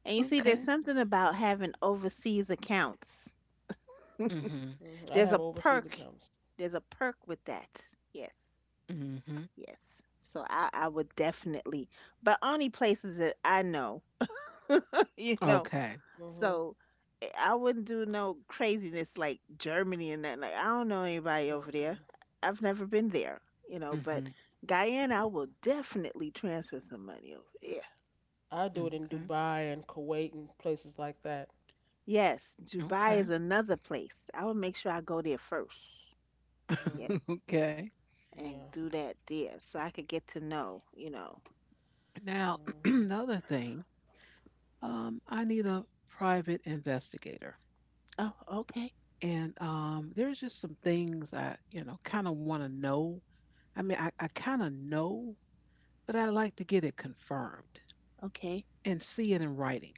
[SPEAKER 2] And you see, there's something about having overseas accounts.
[SPEAKER 1] Mm-hmm.
[SPEAKER 3] I'd
[SPEAKER 2] There's
[SPEAKER 3] have
[SPEAKER 2] a
[SPEAKER 3] overseas
[SPEAKER 2] perk.
[SPEAKER 3] accounts.
[SPEAKER 2] There's a perk with that. Yes.
[SPEAKER 1] Mm-hmm.
[SPEAKER 2] Yes. So I would definitely, but only places that I know, you know.
[SPEAKER 1] Okay.
[SPEAKER 3] Mhm.
[SPEAKER 2] So I wouldn't do no craziness like Germany and that. Like, I don't know anybody over there.
[SPEAKER 3] Mm-mm.
[SPEAKER 2] I've never been there, you know.
[SPEAKER 1] Mm-hmm.
[SPEAKER 2] But Guyana, I will definitely transfer some money over there.
[SPEAKER 3] I do it in
[SPEAKER 1] Okay.
[SPEAKER 3] Dubai and Kuwait and places like that.
[SPEAKER 2] Yes. Dubai
[SPEAKER 1] Okay.
[SPEAKER 2] is another place. I would make sure I go there first.
[SPEAKER 3] Mhm.
[SPEAKER 2] Yes.
[SPEAKER 1] Okay.
[SPEAKER 2] And
[SPEAKER 3] Yeah.
[SPEAKER 2] do that there so I could get to know, you know.
[SPEAKER 1] Now,
[SPEAKER 3] Mhm.
[SPEAKER 1] another thing, I need a private investigator.
[SPEAKER 2] Oh, okay,
[SPEAKER 1] And there's just some things I, kind of want to know. I mean, I kind of know, but I like to get it confirmed
[SPEAKER 2] okay.
[SPEAKER 1] and see it in writing.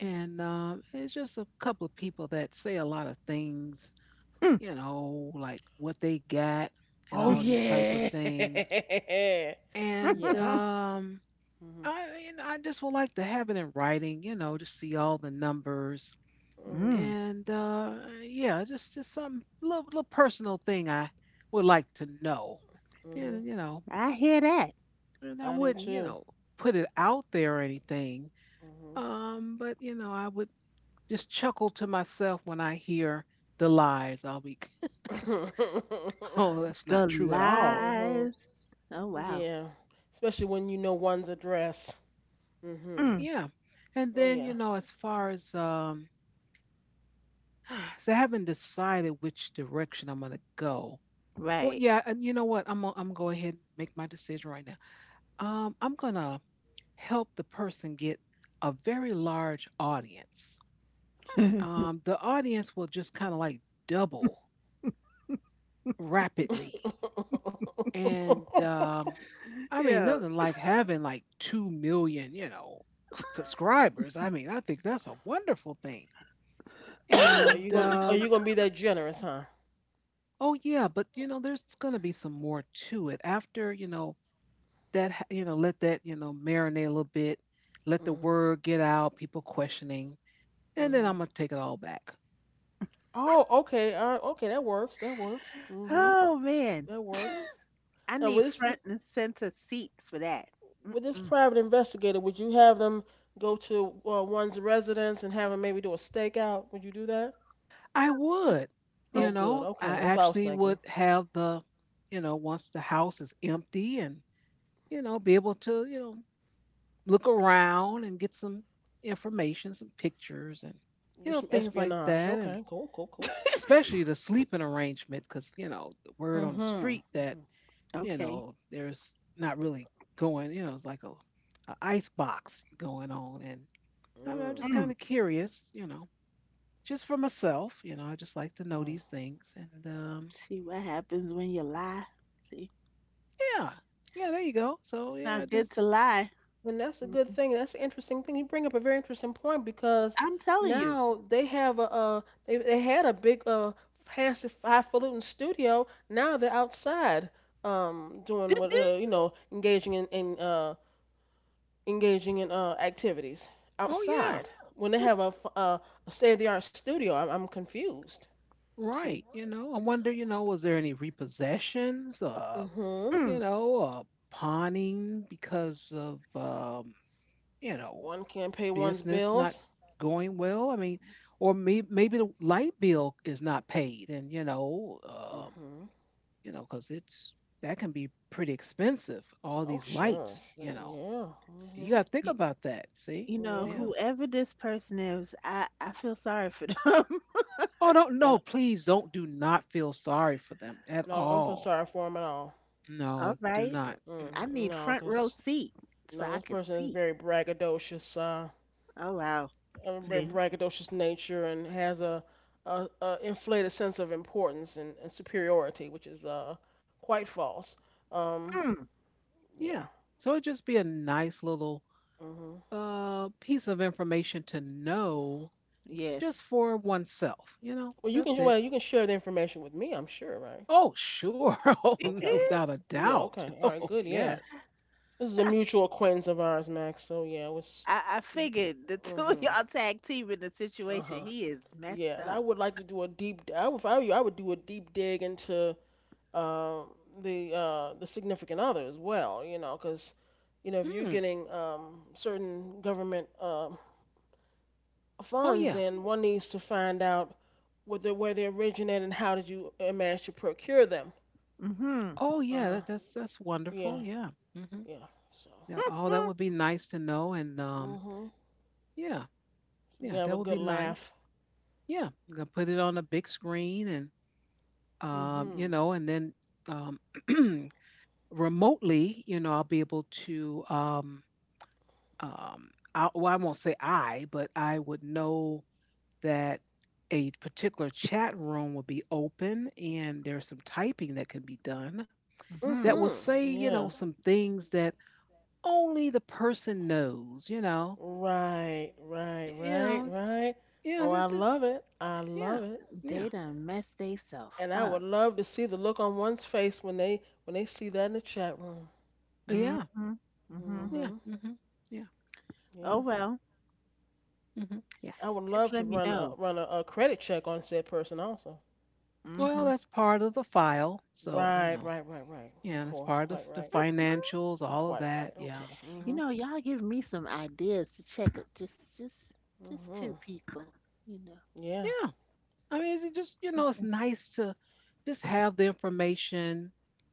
[SPEAKER 1] And it's just a couple of people that say a lot of things,
[SPEAKER 2] Hmm.
[SPEAKER 1] like what they got and
[SPEAKER 3] Oh
[SPEAKER 1] all these type of
[SPEAKER 3] yeah.
[SPEAKER 1] things. And
[SPEAKER 3] Yeah. Mhm.
[SPEAKER 1] I just would like to have it in writing, you know, to see all the numbers.
[SPEAKER 3] Mhm.
[SPEAKER 2] mm,
[SPEAKER 1] And yeah, just some little personal thing I would like to know. And
[SPEAKER 3] Mhm.
[SPEAKER 1] you know,
[SPEAKER 2] I hear that.
[SPEAKER 1] and
[SPEAKER 3] I
[SPEAKER 1] I
[SPEAKER 3] do
[SPEAKER 1] wouldn't, you
[SPEAKER 3] too.
[SPEAKER 1] know, put it out there or anything.
[SPEAKER 3] Mhm.
[SPEAKER 1] But you know, I would just chuckle to myself when I hear the lies. I'll be, oh, that's not
[SPEAKER 2] The
[SPEAKER 1] true at all.
[SPEAKER 3] Mhm.
[SPEAKER 2] lies. Oh, wow.
[SPEAKER 3] Yeah. Especially when you know one's address. Mhm.
[SPEAKER 2] Mm,
[SPEAKER 1] Yeah. And then, you
[SPEAKER 3] Yeah.
[SPEAKER 1] know, as far as so I haven't decided which direction I'm gonna go. Well,
[SPEAKER 2] right.
[SPEAKER 1] yeah, and you know what? I'm gonna go ahead and make my decision right now. I'm gonna help the person get a very large audience. The audience will just kind of like double rapidly. And I mean,
[SPEAKER 2] Yeah.
[SPEAKER 1] nothing like having like 2 million, you know, subscribers. I mean, I think that's a wonderful thing.
[SPEAKER 3] Oh,
[SPEAKER 1] And
[SPEAKER 3] you gonna are you gonna be that generous, huh?
[SPEAKER 1] oh yeah, but you know, there's gonna be some more to it after you know that you know let that you know marinate a little bit, let the
[SPEAKER 3] Hmm.
[SPEAKER 1] word get out, people questioning, and then
[SPEAKER 3] Hmm.
[SPEAKER 1] I'm gonna take it all back.
[SPEAKER 3] Oh, okay. All right. Okay, that works. That works. Hmm.
[SPEAKER 2] Oh, man.
[SPEAKER 3] That works.
[SPEAKER 2] I
[SPEAKER 3] Now,
[SPEAKER 2] need
[SPEAKER 3] with this
[SPEAKER 2] front and center seat for that.
[SPEAKER 3] with this
[SPEAKER 2] Mm-mm.
[SPEAKER 3] private investigator, would you have them go to one's residence and have them maybe do a stakeout? Would you do that?
[SPEAKER 1] I would,
[SPEAKER 3] Oh,
[SPEAKER 1] you
[SPEAKER 3] good.
[SPEAKER 1] know, I
[SPEAKER 3] Okay, that's what I was
[SPEAKER 1] actually
[SPEAKER 3] thinking.
[SPEAKER 1] would have the, you know, once the house is empty and you know be able to you know look around and get some information, some pictures, and
[SPEAKER 3] Do
[SPEAKER 1] you know
[SPEAKER 3] some
[SPEAKER 1] things like
[SPEAKER 3] espionage.
[SPEAKER 1] that, and
[SPEAKER 3] Okay, cool, cool, cool.
[SPEAKER 1] especially the sleeping arrangement, because you know the word
[SPEAKER 3] Mm-hmm.
[SPEAKER 1] on the street
[SPEAKER 3] Mm-hmm.
[SPEAKER 1] that you
[SPEAKER 2] Okay.
[SPEAKER 1] know, there's not really going, you know, it's like a ice box going on. And I mean, I'm
[SPEAKER 3] Mm.
[SPEAKER 1] just kind
[SPEAKER 2] Mm.
[SPEAKER 1] of curious, you know, just for myself, you know, I just like to
[SPEAKER 3] All
[SPEAKER 1] know
[SPEAKER 3] right.
[SPEAKER 1] these things. And
[SPEAKER 2] See what happens when you lie. See,
[SPEAKER 1] yeah, yeah, there you go. So
[SPEAKER 2] it's
[SPEAKER 1] yeah, I
[SPEAKER 2] not good to
[SPEAKER 1] just,
[SPEAKER 2] lie.
[SPEAKER 3] And that's a good
[SPEAKER 2] Mm-mm.
[SPEAKER 3] thing. That's an interesting thing. You bring up a very interesting point because
[SPEAKER 2] I'm telling you.
[SPEAKER 3] now they have a they had a big fancy highfalutin studio. Now they're outside, doing what you know engaging in engaging in activities
[SPEAKER 1] oh yeah,
[SPEAKER 3] outside when they have a state of the art studio. I'm confused.
[SPEAKER 2] See.
[SPEAKER 1] right. You know, I wonder, you know, was there any repossessions,
[SPEAKER 3] Mhm.
[SPEAKER 1] you
[SPEAKER 2] Mm.
[SPEAKER 1] know, pawning because of, you know,
[SPEAKER 3] One can't pay one's
[SPEAKER 1] business not
[SPEAKER 3] bills.
[SPEAKER 1] going well. I mean, or maybe the light bill is not paid, and
[SPEAKER 3] Mhm.
[SPEAKER 1] you know, because it's that can be pretty expensive. All
[SPEAKER 3] Oh
[SPEAKER 1] these
[SPEAKER 3] sure,
[SPEAKER 1] lights, you
[SPEAKER 3] sure,
[SPEAKER 1] know,
[SPEAKER 3] yeah.
[SPEAKER 1] you
[SPEAKER 3] Mhm.
[SPEAKER 1] got to think about that. See,
[SPEAKER 2] You know,
[SPEAKER 3] Yeah.
[SPEAKER 1] yeah.
[SPEAKER 2] whoever this person is, I feel sorry for them.
[SPEAKER 1] Oh, don't please don't do not feel sorry for them at
[SPEAKER 3] No, I don't feel
[SPEAKER 1] all.
[SPEAKER 3] sorry for him at all.
[SPEAKER 1] No,
[SPEAKER 2] All
[SPEAKER 1] do
[SPEAKER 2] right.
[SPEAKER 1] not.
[SPEAKER 3] Mm-mm.
[SPEAKER 2] I need
[SPEAKER 3] No,
[SPEAKER 2] front row
[SPEAKER 3] 'cause
[SPEAKER 2] seat so
[SPEAKER 3] no,
[SPEAKER 2] I
[SPEAKER 3] this
[SPEAKER 2] can
[SPEAKER 3] person is
[SPEAKER 2] see.
[SPEAKER 3] very braggadocious,
[SPEAKER 2] Oh, wow.
[SPEAKER 3] a very
[SPEAKER 2] See?
[SPEAKER 1] Mm-hmm.
[SPEAKER 3] braggadocious nature, and has a inflated sense of importance and superiority, which is quite false. Um,
[SPEAKER 2] Mm,
[SPEAKER 3] yeah.
[SPEAKER 1] Yeah. So it'd just be a nice little
[SPEAKER 3] hmm
[SPEAKER 1] piece of information to know just
[SPEAKER 2] yes.
[SPEAKER 1] for oneself, you know.
[SPEAKER 3] Well,
[SPEAKER 1] That's it.
[SPEAKER 3] you can share the information with me, I'm sure, right?
[SPEAKER 1] Oh, sure. Oh,
[SPEAKER 3] Okay.
[SPEAKER 1] without a
[SPEAKER 3] Yeah.
[SPEAKER 1] doubt.
[SPEAKER 3] Okay. All right.
[SPEAKER 1] Oh,
[SPEAKER 3] Good. Yeah.
[SPEAKER 1] yes.
[SPEAKER 3] This is a
[SPEAKER 2] I,
[SPEAKER 3] mutual acquaintance of ours, Max. So yeah, it was.
[SPEAKER 2] I figured the two of
[SPEAKER 3] Hmm.
[SPEAKER 2] y'all tag team in the
[SPEAKER 3] Uh
[SPEAKER 2] situation,
[SPEAKER 3] huh.
[SPEAKER 2] he is
[SPEAKER 3] Yeah,
[SPEAKER 2] messed
[SPEAKER 3] and I
[SPEAKER 2] up.
[SPEAKER 3] would like to do a deep. D- I would, if I were you, I would, do a deep dig into um the significant other as well. You know, because if you're
[SPEAKER 1] Hmm.
[SPEAKER 3] getting certain government
[SPEAKER 1] Oh,
[SPEAKER 3] funds,
[SPEAKER 1] yeah.
[SPEAKER 3] then one needs to find out what they where they originate and how did you manage to procure them.
[SPEAKER 2] Mm-hmm.
[SPEAKER 1] Oh,
[SPEAKER 3] Uh
[SPEAKER 1] yeah.
[SPEAKER 3] huh.
[SPEAKER 1] That's that's
[SPEAKER 3] Yeah.
[SPEAKER 1] wonderful. Yeah. hmm
[SPEAKER 3] Yeah. So.
[SPEAKER 1] Yeah. Oh, that
[SPEAKER 2] Mm-hmm.
[SPEAKER 1] would be nice to know. And
[SPEAKER 3] Mhm. So
[SPEAKER 1] yeah,
[SPEAKER 3] we can
[SPEAKER 1] yeah,
[SPEAKER 3] have a
[SPEAKER 1] that would
[SPEAKER 3] good
[SPEAKER 1] be
[SPEAKER 3] laugh.
[SPEAKER 1] nice. Yeah, I'm gonna put it on a big screen and you
[SPEAKER 3] Mhm.
[SPEAKER 1] know, and then um, remotely, you know, I'll be able to um, I, well, I won't say I, but I would know that a particular chat room will be open and there's some typing that can be done that
[SPEAKER 3] Mhm.
[SPEAKER 2] Mm-hmm.
[SPEAKER 1] will say,
[SPEAKER 3] Yeah.
[SPEAKER 1] you know, some things that only the person knows, you know.
[SPEAKER 3] Right. Right.
[SPEAKER 1] You
[SPEAKER 3] Right.
[SPEAKER 1] know,
[SPEAKER 3] Right.
[SPEAKER 1] yeah,
[SPEAKER 3] Oh, I love it. I
[SPEAKER 1] yeah,
[SPEAKER 3] love it.
[SPEAKER 1] yeah,
[SPEAKER 2] They done messed theyself
[SPEAKER 3] And I
[SPEAKER 2] up.
[SPEAKER 3] would love to see the look on one's face when they see that in the chat room.
[SPEAKER 1] yeah,
[SPEAKER 2] Mm-hmm. Mm-hmm.
[SPEAKER 1] yeah,
[SPEAKER 3] Mhm.
[SPEAKER 1] hmm yeah,
[SPEAKER 2] Oh
[SPEAKER 3] Yeah.
[SPEAKER 2] well,
[SPEAKER 1] hmm yeah.
[SPEAKER 3] I would
[SPEAKER 2] just
[SPEAKER 3] love to
[SPEAKER 2] let me
[SPEAKER 3] run a,
[SPEAKER 2] know.
[SPEAKER 3] run a, a credit check on said person also.
[SPEAKER 1] Well,
[SPEAKER 2] Hmm.
[SPEAKER 1] that's part of the file. So, you
[SPEAKER 3] Right,
[SPEAKER 1] know,
[SPEAKER 3] right, right, right. Of
[SPEAKER 1] yeah, that's
[SPEAKER 3] course,
[SPEAKER 1] part
[SPEAKER 3] quite
[SPEAKER 1] of the
[SPEAKER 3] right.
[SPEAKER 1] financials, all of
[SPEAKER 3] Quite
[SPEAKER 1] that.
[SPEAKER 3] right.
[SPEAKER 1] Yeah,
[SPEAKER 3] Okay.
[SPEAKER 2] You
[SPEAKER 3] Mhm.
[SPEAKER 2] know, y'all give me some ideas to check up. Just two
[SPEAKER 3] Mhm.
[SPEAKER 2] people. You know,
[SPEAKER 3] Yeah.
[SPEAKER 1] yeah. I mean, it just, you
[SPEAKER 2] check
[SPEAKER 1] know, it's
[SPEAKER 2] them
[SPEAKER 1] nice to just have the information.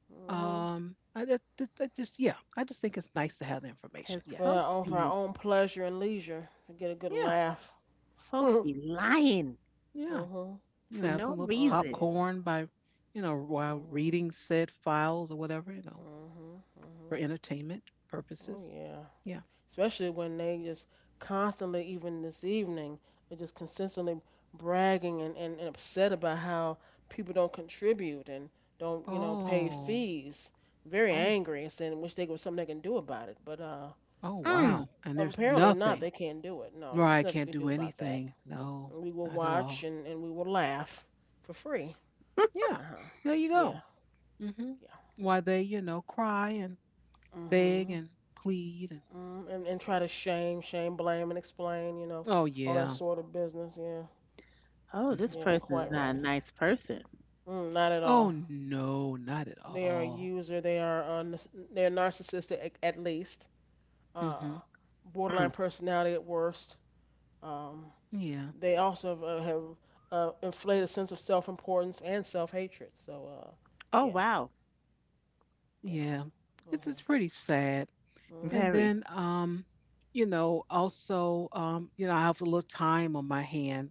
[SPEAKER 3] Mhm.
[SPEAKER 1] I just, I just, yeah, I just think it's nice to have the information.
[SPEAKER 2] because
[SPEAKER 3] For
[SPEAKER 1] Yes.
[SPEAKER 3] our own for our own pleasure and leisure to get a good
[SPEAKER 1] Yeah.
[SPEAKER 3] laugh.
[SPEAKER 2] folks
[SPEAKER 3] Mhm.
[SPEAKER 2] be lying
[SPEAKER 1] Yeah.
[SPEAKER 3] Oh
[SPEAKER 1] You
[SPEAKER 2] for
[SPEAKER 1] know,
[SPEAKER 2] no
[SPEAKER 1] some little
[SPEAKER 2] reason.
[SPEAKER 3] yeah.
[SPEAKER 1] popcorn by, you know, while
[SPEAKER 3] Mhm.
[SPEAKER 1] reading said files or whatever, you know,
[SPEAKER 3] Mhm.
[SPEAKER 1] for
[SPEAKER 3] Mhm.
[SPEAKER 1] entertainment
[SPEAKER 3] Oh
[SPEAKER 1] purposes.
[SPEAKER 3] yeah.
[SPEAKER 1] Yeah.
[SPEAKER 3] Especially when they just constantly, even this evening, are just consistently bragging and upset about how people don't contribute and don't pay
[SPEAKER 1] Oh.
[SPEAKER 3] fees. Very
[SPEAKER 1] Oh.
[SPEAKER 3] angry and saying, wish they was something they can do about it. But
[SPEAKER 1] Oh,
[SPEAKER 2] Mm.
[SPEAKER 1] wow. And there's
[SPEAKER 3] apparently not.
[SPEAKER 1] nothing.
[SPEAKER 3] They can't do it. No, there's
[SPEAKER 1] Mariah
[SPEAKER 3] nothing
[SPEAKER 1] can't
[SPEAKER 3] you can do
[SPEAKER 1] do
[SPEAKER 3] about that.
[SPEAKER 1] anything. No,
[SPEAKER 3] And we will
[SPEAKER 1] not at
[SPEAKER 3] watch
[SPEAKER 1] all.
[SPEAKER 3] and we will laugh for free.
[SPEAKER 1] Yeah.
[SPEAKER 3] Uh huh.
[SPEAKER 1] There you go.
[SPEAKER 3] Yeah.
[SPEAKER 1] Hmm
[SPEAKER 3] Yeah.
[SPEAKER 1] Why they, you know, cry and beg
[SPEAKER 3] Mm-hmm.
[SPEAKER 1] and plead and,
[SPEAKER 3] And try to shame, blame, and explain,
[SPEAKER 1] oh,
[SPEAKER 3] all that
[SPEAKER 1] yeah.
[SPEAKER 3] sort of business. Yeah.
[SPEAKER 2] Oh,
[SPEAKER 1] Mm-hmm.
[SPEAKER 2] this
[SPEAKER 3] Yeah,
[SPEAKER 2] person is
[SPEAKER 3] quite
[SPEAKER 2] not
[SPEAKER 3] right.
[SPEAKER 2] a nice person.
[SPEAKER 3] Mm, not at
[SPEAKER 1] Oh
[SPEAKER 3] all.
[SPEAKER 1] no, not at
[SPEAKER 3] They are a
[SPEAKER 1] all.
[SPEAKER 3] user. They're narcissistic at least.
[SPEAKER 1] Hmm
[SPEAKER 3] Uh, Borderline
[SPEAKER 2] Mm.
[SPEAKER 3] personality at worst. Um,
[SPEAKER 1] Yeah,
[SPEAKER 3] they also have inflated a sense of self-importance and self-hatred. So,
[SPEAKER 2] Oh
[SPEAKER 3] yeah,
[SPEAKER 2] wow,
[SPEAKER 3] yeah.
[SPEAKER 1] yeah. It's
[SPEAKER 3] Mhm.
[SPEAKER 1] pretty sad. And
[SPEAKER 3] Mhm.
[SPEAKER 2] very.
[SPEAKER 1] then you know, also you know, I have a little time on my hand.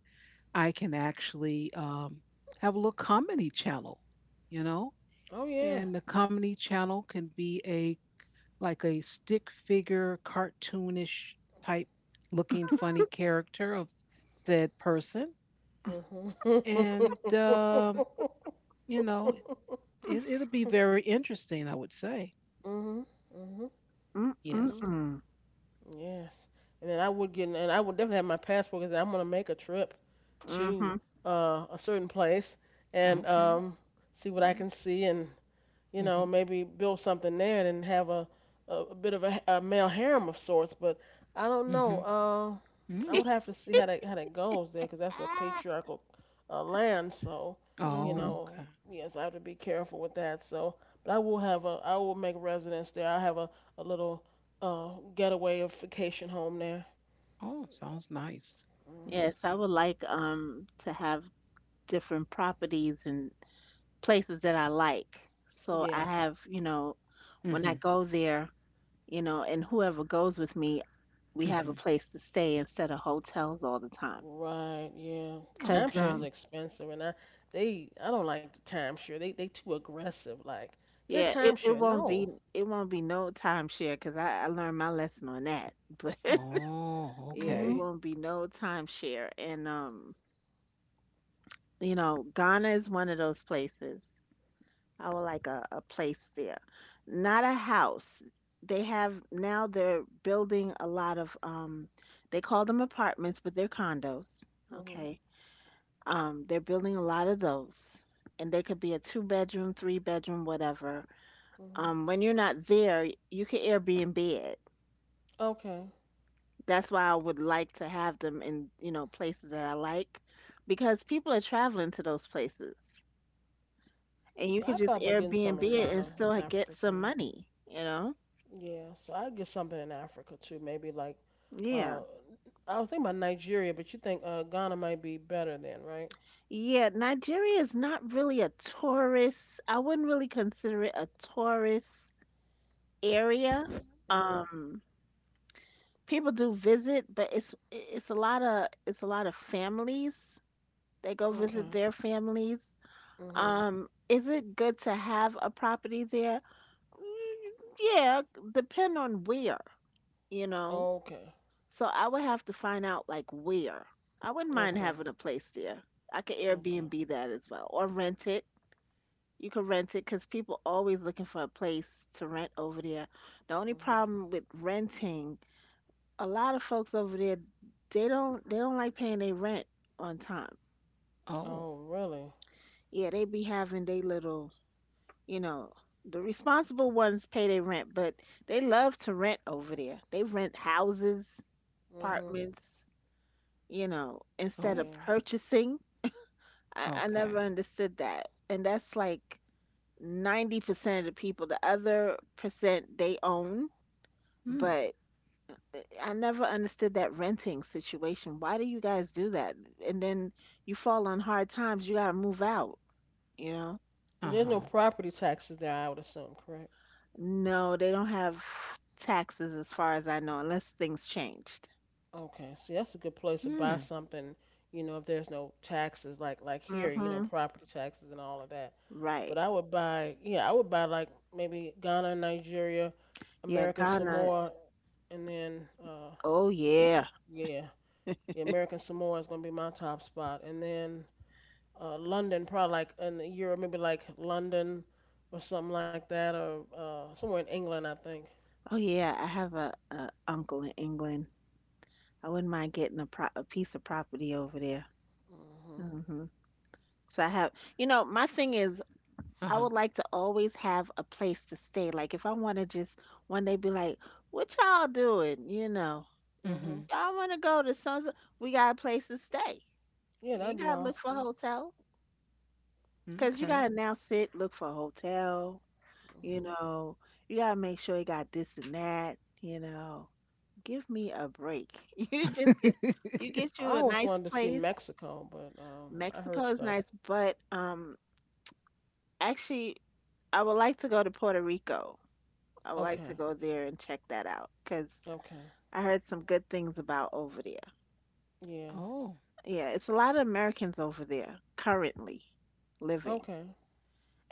[SPEAKER 1] I can actually have a little comedy channel, you know?
[SPEAKER 3] Oh yeah.
[SPEAKER 1] And the comedy channel can be a like a stick figure, cartoonish type looking funny character of said person.
[SPEAKER 3] Mhm.
[SPEAKER 1] And you know, it it'll be very interesting, I would say.
[SPEAKER 3] Mhm. Mhm.
[SPEAKER 2] Mm mm
[SPEAKER 1] Yes.
[SPEAKER 3] Mhm.
[SPEAKER 2] mm.
[SPEAKER 3] Yes. And then I would definitely have my passport because I'm gonna make a trip
[SPEAKER 2] Mm-hmm.
[SPEAKER 3] to a certain place and
[SPEAKER 1] Okay.
[SPEAKER 3] see what I
[SPEAKER 1] Mm.
[SPEAKER 3] can see and
[SPEAKER 1] Mhm.
[SPEAKER 3] maybe build something there and have a bit of a male harem of sorts. But I don't know.
[SPEAKER 1] Mhm.
[SPEAKER 3] I
[SPEAKER 1] Mm.
[SPEAKER 3] would have to see how that goes there, because that's a
[SPEAKER 2] Ah.
[SPEAKER 3] patriarchal land. So,
[SPEAKER 2] Mm-hmm.
[SPEAKER 1] Oh, okay.
[SPEAKER 3] yes, I have to be careful with that. So, but I will make residence there. I will have a little getaway vacation home there.
[SPEAKER 1] Oh, sounds nice.
[SPEAKER 3] Hmm.
[SPEAKER 2] Yes, I would like to have different properties and places that I like. So I
[SPEAKER 3] Yeah.
[SPEAKER 2] have, you know, when I
[SPEAKER 1] Mhm.
[SPEAKER 2] go there. You know, and whoever goes with me, we have a
[SPEAKER 1] Mhm.
[SPEAKER 2] place to stay instead of hotels all the time.
[SPEAKER 3] Right, yeah.
[SPEAKER 2] Cause
[SPEAKER 3] Timeshares
[SPEAKER 1] Okay.
[SPEAKER 3] are expensive, and I don't like the timeshare. They too aggressive. Like get
[SPEAKER 2] yeah,
[SPEAKER 3] a timeshare. No.
[SPEAKER 2] it won't be no timeshare. Cause I learned my lesson on that. But
[SPEAKER 1] Oh,
[SPEAKER 2] yeah, it
[SPEAKER 3] Mhm.
[SPEAKER 1] okay.
[SPEAKER 2] won't be no timeshare. And you know, Ghana is one of those places. I would like a place there, not a house. They have now they're building a lot of they call them apartments, but they're condos.
[SPEAKER 3] Mhm.
[SPEAKER 2] Okay. They're building a lot of those, and they could be a two bedroom, three-bedroom, whatever.
[SPEAKER 3] Mhm.
[SPEAKER 2] When you're not there, you can Airbnb it.
[SPEAKER 3] Okay.
[SPEAKER 2] That's why I would like to have them in, you know, places that I like because people are traveling to those places. And you
[SPEAKER 3] Yeah,
[SPEAKER 2] could
[SPEAKER 3] I
[SPEAKER 2] just
[SPEAKER 3] thought about getting some
[SPEAKER 2] Airbnb
[SPEAKER 3] in
[SPEAKER 2] it and
[SPEAKER 3] Ghana, in
[SPEAKER 2] still get
[SPEAKER 3] Africa
[SPEAKER 2] some
[SPEAKER 3] somewhere.
[SPEAKER 2] money, you know?
[SPEAKER 3] Yeah. So I get something in Africa too. Maybe like,
[SPEAKER 2] Yeah.
[SPEAKER 3] uh, I was thinking about Nigeria, but you think Ghana might be better then, right?
[SPEAKER 2] Yeah, Nigeria is not really a tourist. I wouldn't really consider it a tourist area.
[SPEAKER 3] Mhm.
[SPEAKER 2] Um, people do visit, but it's a lot of families. They go visit
[SPEAKER 3] Okay.
[SPEAKER 2] their families.
[SPEAKER 3] Mhm.
[SPEAKER 2] Is it good to have a property there? Mm, yeah, depend on where, you know.
[SPEAKER 3] Okay.
[SPEAKER 2] So I would have to find out like where. I wouldn't mind
[SPEAKER 3] Okay.
[SPEAKER 2] having a place there. I could
[SPEAKER 3] Okay.
[SPEAKER 2] Airbnb that as well or rent it. You could rent it because people always looking for a place to rent over there. The only
[SPEAKER 3] Mhm.
[SPEAKER 2] problem with renting a lot of folks over there they don't like paying their rent on time.
[SPEAKER 1] Oh.
[SPEAKER 3] Oh, really?
[SPEAKER 2] Yeah, they be having they little, you know, the responsible ones pay their rent, but they love to rent over there. They rent houses,
[SPEAKER 3] Mhm.
[SPEAKER 2] apartments, you know, instead
[SPEAKER 1] Oh.
[SPEAKER 2] of
[SPEAKER 3] Yeah.
[SPEAKER 2] purchasing. I never
[SPEAKER 1] Okay.
[SPEAKER 2] understood that. And that's like 90% of the people. The other percent they own,
[SPEAKER 1] Hmm.
[SPEAKER 2] but I never understood that renting situation. Why do you guys do that? And then you fall on hard times, you gotta move out, you know?
[SPEAKER 3] There's no
[SPEAKER 1] Uh-huh.
[SPEAKER 3] property taxes there, I would assume, correct?
[SPEAKER 2] No, they don't have taxes as far as I know, unless things changed.
[SPEAKER 3] Okay, so that's a good place to buy
[SPEAKER 1] Hmm.
[SPEAKER 3] something, if there's no taxes, like here,
[SPEAKER 2] Hmm.
[SPEAKER 3] property taxes and all of that.
[SPEAKER 2] Right.
[SPEAKER 3] But I would buy like maybe Ghana, Nigeria,
[SPEAKER 2] Yeah,
[SPEAKER 3] American
[SPEAKER 2] Ghana.
[SPEAKER 3] Samoa, and then
[SPEAKER 2] Oh yeah.
[SPEAKER 3] yeah, yeah, American Samoa is gonna be my top spot, and then London, probably like in the Euro, maybe like London or something like that, or somewhere in England, I think.
[SPEAKER 2] Oh yeah. I have a uncle in England. I wouldn't mind getting a pro a piece of property over there.
[SPEAKER 3] Mhm,
[SPEAKER 2] Hmm. So I have, you know, my thing is I
[SPEAKER 1] Uh-huh.
[SPEAKER 2] would like to always have a place to stay. Like if I want to just one day be like, "What y'all doing?" You know,
[SPEAKER 3] mhm.
[SPEAKER 1] Mhm.
[SPEAKER 2] y'all want to go to some. We got a place to stay.
[SPEAKER 3] Yeah,
[SPEAKER 2] You ain't
[SPEAKER 3] that'd be
[SPEAKER 2] gotta look for
[SPEAKER 3] awesome.
[SPEAKER 2] a hotel because you
[SPEAKER 1] Okay.
[SPEAKER 2] gotta now sit look for a hotel. You
[SPEAKER 3] hmm
[SPEAKER 2] know, you gotta make sure you got this and that. You know, give me a break. You just get you get
[SPEAKER 3] I
[SPEAKER 2] you a
[SPEAKER 3] always
[SPEAKER 2] nice
[SPEAKER 3] wanted to see
[SPEAKER 2] place.
[SPEAKER 3] Mexico, but I heard
[SPEAKER 2] Mexico is
[SPEAKER 3] stuff.
[SPEAKER 2] nice, but actually, I would like to go to Puerto Rico. I would like to
[SPEAKER 3] Okay,
[SPEAKER 2] go there and check that out because
[SPEAKER 3] okay,
[SPEAKER 2] I heard some good things about over there.
[SPEAKER 3] yeah,
[SPEAKER 1] Oh,
[SPEAKER 2] Yeah, it's a lot of Americans over there currently living,
[SPEAKER 3] okay.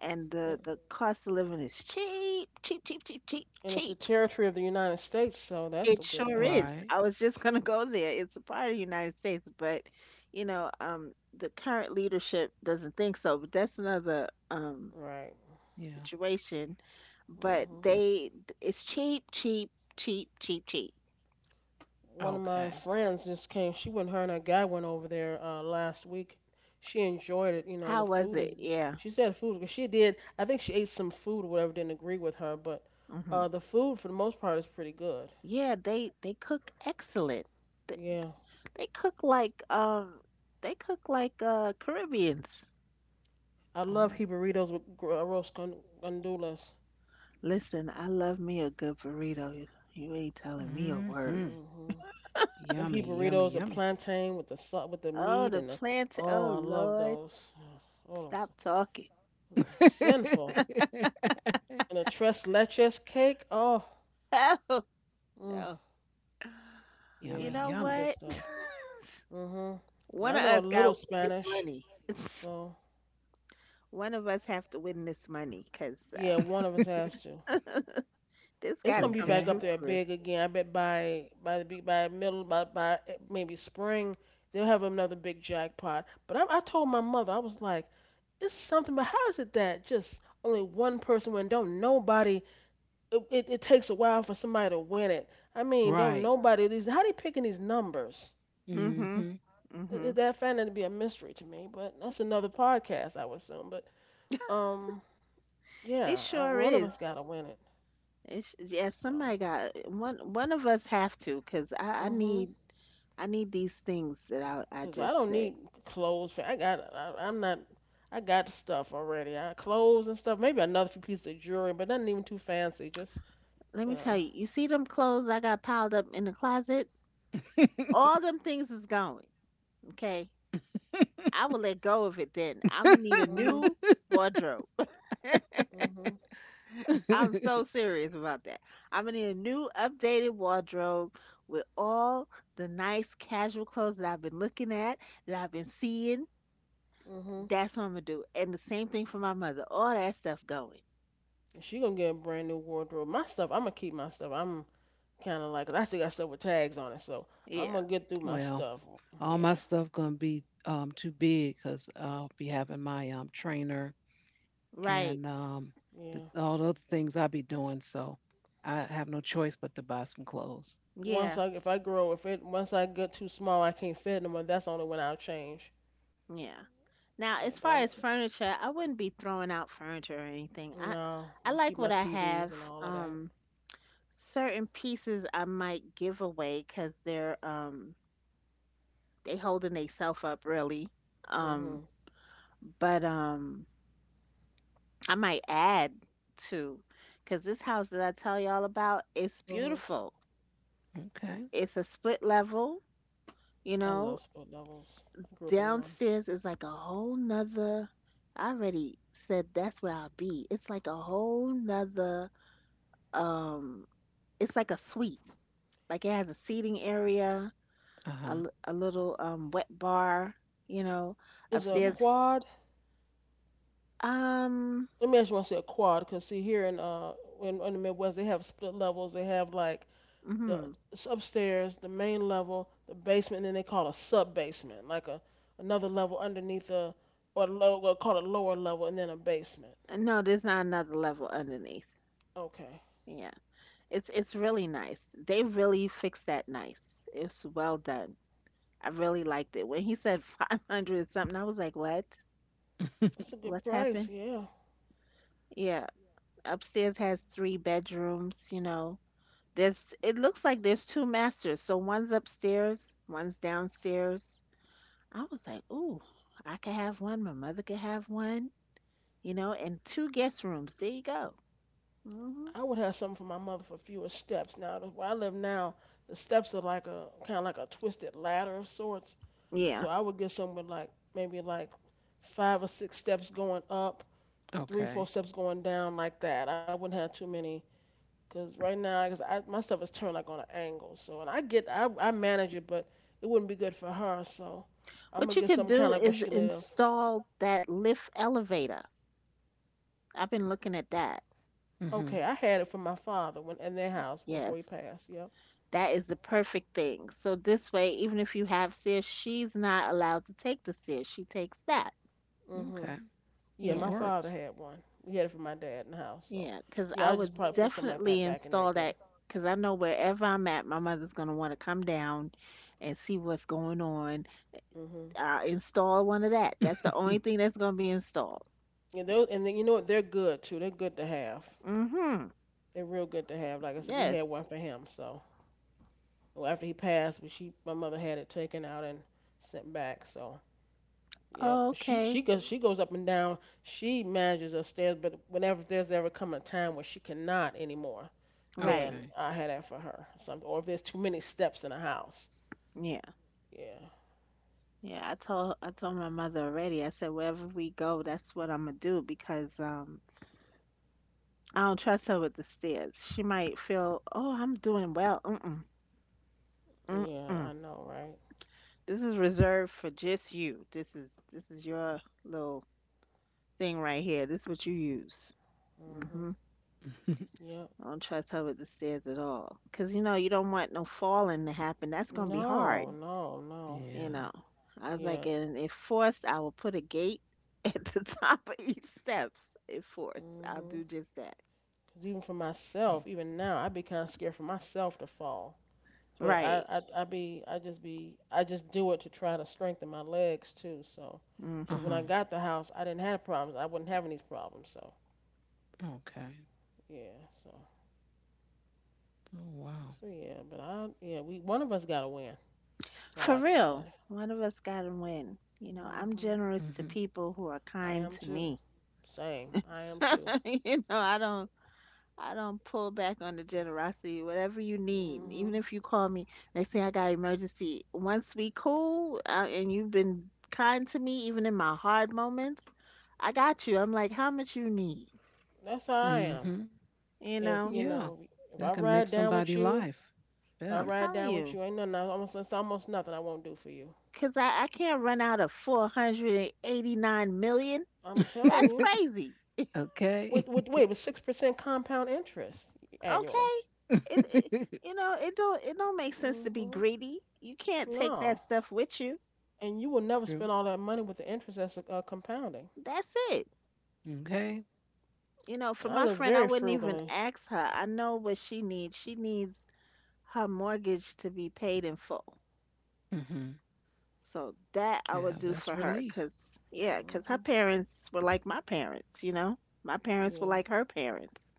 [SPEAKER 2] and
[SPEAKER 3] Yeah.
[SPEAKER 2] the cost of living is cheap, cheap, cheap, cheap, cheap,
[SPEAKER 3] And it's a
[SPEAKER 2] cheap.
[SPEAKER 3] territory of the United States, so that's
[SPEAKER 2] It
[SPEAKER 3] a good
[SPEAKER 2] sure
[SPEAKER 3] thing,
[SPEAKER 2] is.
[SPEAKER 1] right.
[SPEAKER 2] I was just gonna go there. It's a part of the United States, but you know, the current leadership doesn't think so. But that's another
[SPEAKER 3] right?
[SPEAKER 1] Yeah.
[SPEAKER 2] situation. But
[SPEAKER 3] hmm
[SPEAKER 2] they, it's cheap, cheap, cheap, cheap, cheap.
[SPEAKER 3] One of my
[SPEAKER 1] Okay.
[SPEAKER 3] friends just came. She went. Her and her guy went over there last week. She enjoyed it. You know, the
[SPEAKER 2] How was
[SPEAKER 3] food
[SPEAKER 2] it?
[SPEAKER 3] is.
[SPEAKER 2] Yeah.
[SPEAKER 3] She said food. 'Cause she did. I think she ate some food or whatever didn't agree with her, but
[SPEAKER 2] Mm-hmm.
[SPEAKER 3] the food for the most part is pretty good.
[SPEAKER 2] Yeah, they cook excellent. They,
[SPEAKER 3] Yeah.
[SPEAKER 2] they cook like um they cook like Caribbeans.
[SPEAKER 3] I love
[SPEAKER 1] Oh.
[SPEAKER 3] he burritos with roast gondolas.
[SPEAKER 2] Listen, I love me a good burrito. You ain't telling me a word.
[SPEAKER 1] Mhm.
[SPEAKER 3] hmm Them he
[SPEAKER 1] Yummy, yummy,
[SPEAKER 3] burritos, the
[SPEAKER 1] yummy.
[SPEAKER 3] plantain with with the
[SPEAKER 2] Oh,
[SPEAKER 3] meat
[SPEAKER 2] the
[SPEAKER 3] and
[SPEAKER 2] plant. Oh,
[SPEAKER 3] I love
[SPEAKER 2] Lord.
[SPEAKER 3] those. Oh, those
[SPEAKER 2] Stop talking.
[SPEAKER 3] they're sinful. And the tres leches cake. Oh,
[SPEAKER 2] Oh,
[SPEAKER 3] mm,
[SPEAKER 2] no.
[SPEAKER 1] Yummy,
[SPEAKER 2] You
[SPEAKER 3] yeah,
[SPEAKER 2] know
[SPEAKER 3] some
[SPEAKER 1] yummy.
[SPEAKER 3] good
[SPEAKER 2] what?
[SPEAKER 3] stuff. hmm And
[SPEAKER 2] One
[SPEAKER 3] I
[SPEAKER 2] of
[SPEAKER 3] know a
[SPEAKER 2] us got
[SPEAKER 3] little
[SPEAKER 2] this
[SPEAKER 3] Spanish,
[SPEAKER 2] money.
[SPEAKER 3] so
[SPEAKER 2] One of us have to win this money because
[SPEAKER 3] yeah, one of us has to.
[SPEAKER 2] this
[SPEAKER 3] It's
[SPEAKER 2] got to
[SPEAKER 3] gonna be
[SPEAKER 2] come
[SPEAKER 3] back
[SPEAKER 1] Okay.
[SPEAKER 3] up
[SPEAKER 2] true
[SPEAKER 3] there
[SPEAKER 2] for real.
[SPEAKER 3] big again. I bet by the big by middle by eh, maybe spring they'll have another big jackpot. But I told my mother I was like, it's something. But how is it that just only one person win? Don't nobody. It takes a while for somebody to win it. I mean, don't
[SPEAKER 1] Right.
[SPEAKER 3] nobody. These how they picking these numbers?
[SPEAKER 2] Mm-hmm.
[SPEAKER 1] hmm
[SPEAKER 2] Mm-hmm.
[SPEAKER 3] That found that to be a mystery to me. But that's another podcast, I would assume. But um,
[SPEAKER 2] It
[SPEAKER 3] yeah,
[SPEAKER 2] sure
[SPEAKER 3] one of us
[SPEAKER 2] is.
[SPEAKER 3] gotta win it.
[SPEAKER 2] It's, yeah,
[SPEAKER 3] So.
[SPEAKER 2] somebody got one. One of us have to, cause
[SPEAKER 3] Mm-hmm.
[SPEAKER 2] I need these things that I
[SPEAKER 3] Cause I
[SPEAKER 2] just
[SPEAKER 3] don't
[SPEAKER 2] said.
[SPEAKER 3] need clothes for. I got. I'm not. I got the stuff already. I clothes and stuff. Maybe another few pieces of jewelry, but nothing even too fancy. Just
[SPEAKER 2] Let
[SPEAKER 3] you
[SPEAKER 2] me tell
[SPEAKER 3] know.
[SPEAKER 2] you. You see them clothes I got piled up in the closet? All them things is going. Okay, I will let go of it. Then I'm gonna need a
[SPEAKER 3] Mhm.
[SPEAKER 2] new wardrobe.
[SPEAKER 3] Mhm.
[SPEAKER 2] I'm so serious about that. I'm gonna need a new updated wardrobe with all the nice casual clothes that I've been looking at, that I've been seeing.
[SPEAKER 3] Mhm.
[SPEAKER 2] That's what I'm gonna do. And the same thing for my mother. All that stuff going.
[SPEAKER 3] And she gonna get a brand new wardrobe. My stuff. I'm gonna keep my stuff. I'm kind of like. I still got stuff with tags on it, so I'm
[SPEAKER 2] Yeah.
[SPEAKER 3] gonna get through my
[SPEAKER 1] Well,
[SPEAKER 3] stuff.
[SPEAKER 1] all my
[SPEAKER 3] Yeah.
[SPEAKER 1] stuff gonna be too big because I'll be having my trainer
[SPEAKER 2] Right.
[SPEAKER 1] and the,
[SPEAKER 3] Yeah.
[SPEAKER 1] all the other things I'll be doing. So I have no choice but to buy some clothes.
[SPEAKER 3] Once
[SPEAKER 2] Yeah.
[SPEAKER 3] I if I grow if it once I get too small I can't fit anymore. That's only when I'll change.
[SPEAKER 2] Yeah. Now,
[SPEAKER 3] Yeah.
[SPEAKER 2] as
[SPEAKER 3] But
[SPEAKER 2] far
[SPEAKER 3] I'm.
[SPEAKER 2] as furniture, I wouldn't be throwing out furniture or anything.
[SPEAKER 3] No.
[SPEAKER 2] I
[SPEAKER 3] I'm
[SPEAKER 2] like
[SPEAKER 3] keep
[SPEAKER 2] what
[SPEAKER 3] my
[SPEAKER 2] I
[SPEAKER 3] TVs
[SPEAKER 2] have.
[SPEAKER 3] and all of that.
[SPEAKER 2] Um, certain pieces I might give away 'cause they're they holding they self up really. Um,
[SPEAKER 3] Mhm.
[SPEAKER 2] but I might add to 'cause this house that I tell y'all about is
[SPEAKER 3] Mhm.
[SPEAKER 2] beautiful.
[SPEAKER 1] Okay.
[SPEAKER 2] It's a split level, you
[SPEAKER 3] I love
[SPEAKER 2] know.
[SPEAKER 3] split levels. I grew up in one.
[SPEAKER 2] Downstairs is like a whole nother. I already said that's where I'll be. It's like a whole nother. Um, it's like a suite. Like it has a seating area,
[SPEAKER 1] Uh huh.
[SPEAKER 2] a little wet bar. You know,
[SPEAKER 3] Is a
[SPEAKER 1] Mm.
[SPEAKER 2] upstairs.
[SPEAKER 3] quad?
[SPEAKER 2] Um,
[SPEAKER 3] Let me actually want to say a quad, because see here in the Midwest they have split levels. They have like the
[SPEAKER 2] hmm
[SPEAKER 3] it's upstairs, the main level, the basement, and then they call a sub basement, like a another level underneath well, call it lower level, and then a basement.
[SPEAKER 2] no, there's not another level underneath.
[SPEAKER 3] Okay,
[SPEAKER 2] Yeah, it's really nice. They really fixed that nice. It's well done. I really liked it. When he said 500 something, I was like, what?
[SPEAKER 3] that's a good
[SPEAKER 2] What's
[SPEAKER 3] price.
[SPEAKER 2] happened?
[SPEAKER 3] Yeah.
[SPEAKER 2] Yeah, upstairs has three bedrooms, you know. There's it looks like there's two masters. So one's upstairs, one's downstairs. I was like, "Ooh, I could have one, my mother could have one, you know, and two guest rooms. There you go." Hmm.
[SPEAKER 3] I would have something for my mother for fewer steps. Now, where I live now, the steps are like a kind of like a twisted ladder of sorts.
[SPEAKER 2] Yeah.
[SPEAKER 3] So I would get something with like maybe like five or six steps going up, three, four
[SPEAKER 1] Okay.
[SPEAKER 3] steps going down, like that. I wouldn't have too many. Cause right now, cause I my stuff is turned like on an angle. So and I get I manage it, but it wouldn't be good for her. So I'm
[SPEAKER 2] What
[SPEAKER 3] gonna
[SPEAKER 2] you
[SPEAKER 3] get
[SPEAKER 2] could
[SPEAKER 3] something kind of
[SPEAKER 2] do
[SPEAKER 3] like where
[SPEAKER 2] is
[SPEAKER 3] she live.
[SPEAKER 2] install that lift elevator. I've been looking at that.
[SPEAKER 3] Okay,
[SPEAKER 1] hmm
[SPEAKER 3] I had it from my father when in their house before he
[SPEAKER 2] Yes.
[SPEAKER 3] passed. Yep.
[SPEAKER 2] That is the perfect thing. So this way, even if you have stairs, she's not allowed to take the stairs. She takes that.
[SPEAKER 3] hmm
[SPEAKER 1] Okay.
[SPEAKER 3] Yeah,
[SPEAKER 1] That
[SPEAKER 3] my
[SPEAKER 2] Yeah.
[SPEAKER 3] father
[SPEAKER 1] works.
[SPEAKER 3] had one. We had it for my dad in the house, so
[SPEAKER 2] Yeah, because
[SPEAKER 3] yeah,
[SPEAKER 2] I
[SPEAKER 3] I
[SPEAKER 2] would
[SPEAKER 3] just probably put something like
[SPEAKER 2] definitely
[SPEAKER 3] that back in there
[SPEAKER 2] install
[SPEAKER 3] again.
[SPEAKER 2] that because I know wherever I'm at, my mother's going to want to come down and see what's going on.
[SPEAKER 3] Mhm.
[SPEAKER 2] Install one of that. That's the only thing that's going to be installed.
[SPEAKER 3] And then, you know what? They're good too. They're good to have.
[SPEAKER 2] Mm-hmm.
[SPEAKER 3] They're real good to have. Like I said, we had
[SPEAKER 2] Yes.
[SPEAKER 3] one for him. So well, after he passed, my mother had it taken out and sent back. So yeah, but she
[SPEAKER 2] Okay.
[SPEAKER 3] she goes she goes up and down. She manages upstairs, but whenever there's ever come a time where she cannot anymore, then
[SPEAKER 2] Right.
[SPEAKER 1] okay.
[SPEAKER 3] I had that for her. Something, or if there's too many steps in a house.
[SPEAKER 2] Yeah.
[SPEAKER 3] Yeah,
[SPEAKER 2] Yeah. I told my mother already. I said wherever we go, that's what I'm gonna do because I don't trust her with the stairs. She might feel, oh, I'm doing well. Mm-mm.
[SPEAKER 3] yeah, I
[SPEAKER 2] Mm-mm.
[SPEAKER 3] know, right?
[SPEAKER 2] This is reserved for just you. This is your little thing right here. This is what you use.
[SPEAKER 3] Hmm.
[SPEAKER 2] Hmm.
[SPEAKER 3] Yep.
[SPEAKER 2] I don't trust her with the stairs at all. Cause you know you don't want no falling to happen. That's gonna be
[SPEAKER 3] No,
[SPEAKER 2] hard.
[SPEAKER 3] no, no.
[SPEAKER 2] You
[SPEAKER 1] yeah.
[SPEAKER 2] know. I was
[SPEAKER 3] Yeah.
[SPEAKER 2] like, and if forced, I will put a gate at the top of each steps. If forced, I'll
[SPEAKER 3] Hmm.
[SPEAKER 2] do just that.
[SPEAKER 3] Cause even for myself, even now, I'd be kind of scared for myself to fall. But
[SPEAKER 2] Right.
[SPEAKER 3] I be, I just do it to try to strengthen my legs too. So,
[SPEAKER 1] Uh
[SPEAKER 3] cause
[SPEAKER 2] Hmm.
[SPEAKER 3] when
[SPEAKER 1] huh.
[SPEAKER 3] I got the house, I didn't have problems. I wasn't having these problems. So,
[SPEAKER 1] Okay.
[SPEAKER 3] yeah. So,
[SPEAKER 1] Oh wow.
[SPEAKER 3] so, yeah. But one of us gotta win. That's all
[SPEAKER 2] For
[SPEAKER 3] I can
[SPEAKER 2] real.
[SPEAKER 3] say.
[SPEAKER 2] One of us gotta win. You know, I'm
[SPEAKER 3] Hmm.
[SPEAKER 2] generous to
[SPEAKER 1] Mhm.
[SPEAKER 2] people who are
[SPEAKER 3] I
[SPEAKER 2] kind
[SPEAKER 3] am
[SPEAKER 2] to
[SPEAKER 3] too.
[SPEAKER 2] me.
[SPEAKER 3] Same. I am too.
[SPEAKER 2] You know, I don't. I don't pull back on the generosity. Whatever you need,
[SPEAKER 3] Hmm.
[SPEAKER 2] even if you call me, they say I got emergency. Once we cool, and you've been kind to me, even in my hard moments, I got you. I'm like, how much you need?
[SPEAKER 3] That's how I am.
[SPEAKER 1] Mhm.
[SPEAKER 2] You
[SPEAKER 3] If
[SPEAKER 2] know,
[SPEAKER 3] you
[SPEAKER 1] Yeah.
[SPEAKER 3] know, if
[SPEAKER 1] That
[SPEAKER 3] I
[SPEAKER 1] can make
[SPEAKER 3] ride down with
[SPEAKER 1] somebody'
[SPEAKER 3] you,
[SPEAKER 1] life
[SPEAKER 3] if I
[SPEAKER 2] I'm
[SPEAKER 1] better.
[SPEAKER 3] ride
[SPEAKER 2] telling
[SPEAKER 3] down with
[SPEAKER 2] you,
[SPEAKER 3] you, ain't nothing. I almost it's almost nothing I won't do for you.
[SPEAKER 2] cause I can't run out of 489 million.
[SPEAKER 3] I'm telling
[SPEAKER 2] That's
[SPEAKER 3] you.
[SPEAKER 2] crazy.
[SPEAKER 1] okay.
[SPEAKER 3] With 6% compound interest annually.
[SPEAKER 2] Okay, it you know it don't make sense to be
[SPEAKER 3] Mhm.
[SPEAKER 2] greedy. You can't take that
[SPEAKER 3] No,
[SPEAKER 2] stuff with you.
[SPEAKER 3] and you will never spend
[SPEAKER 1] True.
[SPEAKER 3] all that money with the interest that's compounding.
[SPEAKER 2] That's it.
[SPEAKER 1] Okay.
[SPEAKER 2] You know, for
[SPEAKER 3] And I
[SPEAKER 2] my
[SPEAKER 3] live
[SPEAKER 2] friend, I
[SPEAKER 3] very
[SPEAKER 2] wouldn't even
[SPEAKER 3] frugally.
[SPEAKER 2] ask her. I know what she needs. She needs her mortgage to be paid in full.
[SPEAKER 1] Mhm.
[SPEAKER 2] So that I
[SPEAKER 1] Yeah,
[SPEAKER 2] would do for
[SPEAKER 1] that's
[SPEAKER 2] her,
[SPEAKER 1] relief.
[SPEAKER 2] 'cause yeah, 'cause her
[SPEAKER 3] Mhm.
[SPEAKER 2] parents were like my parents, you know. My parents were
[SPEAKER 3] Yeah.
[SPEAKER 2] like her parents.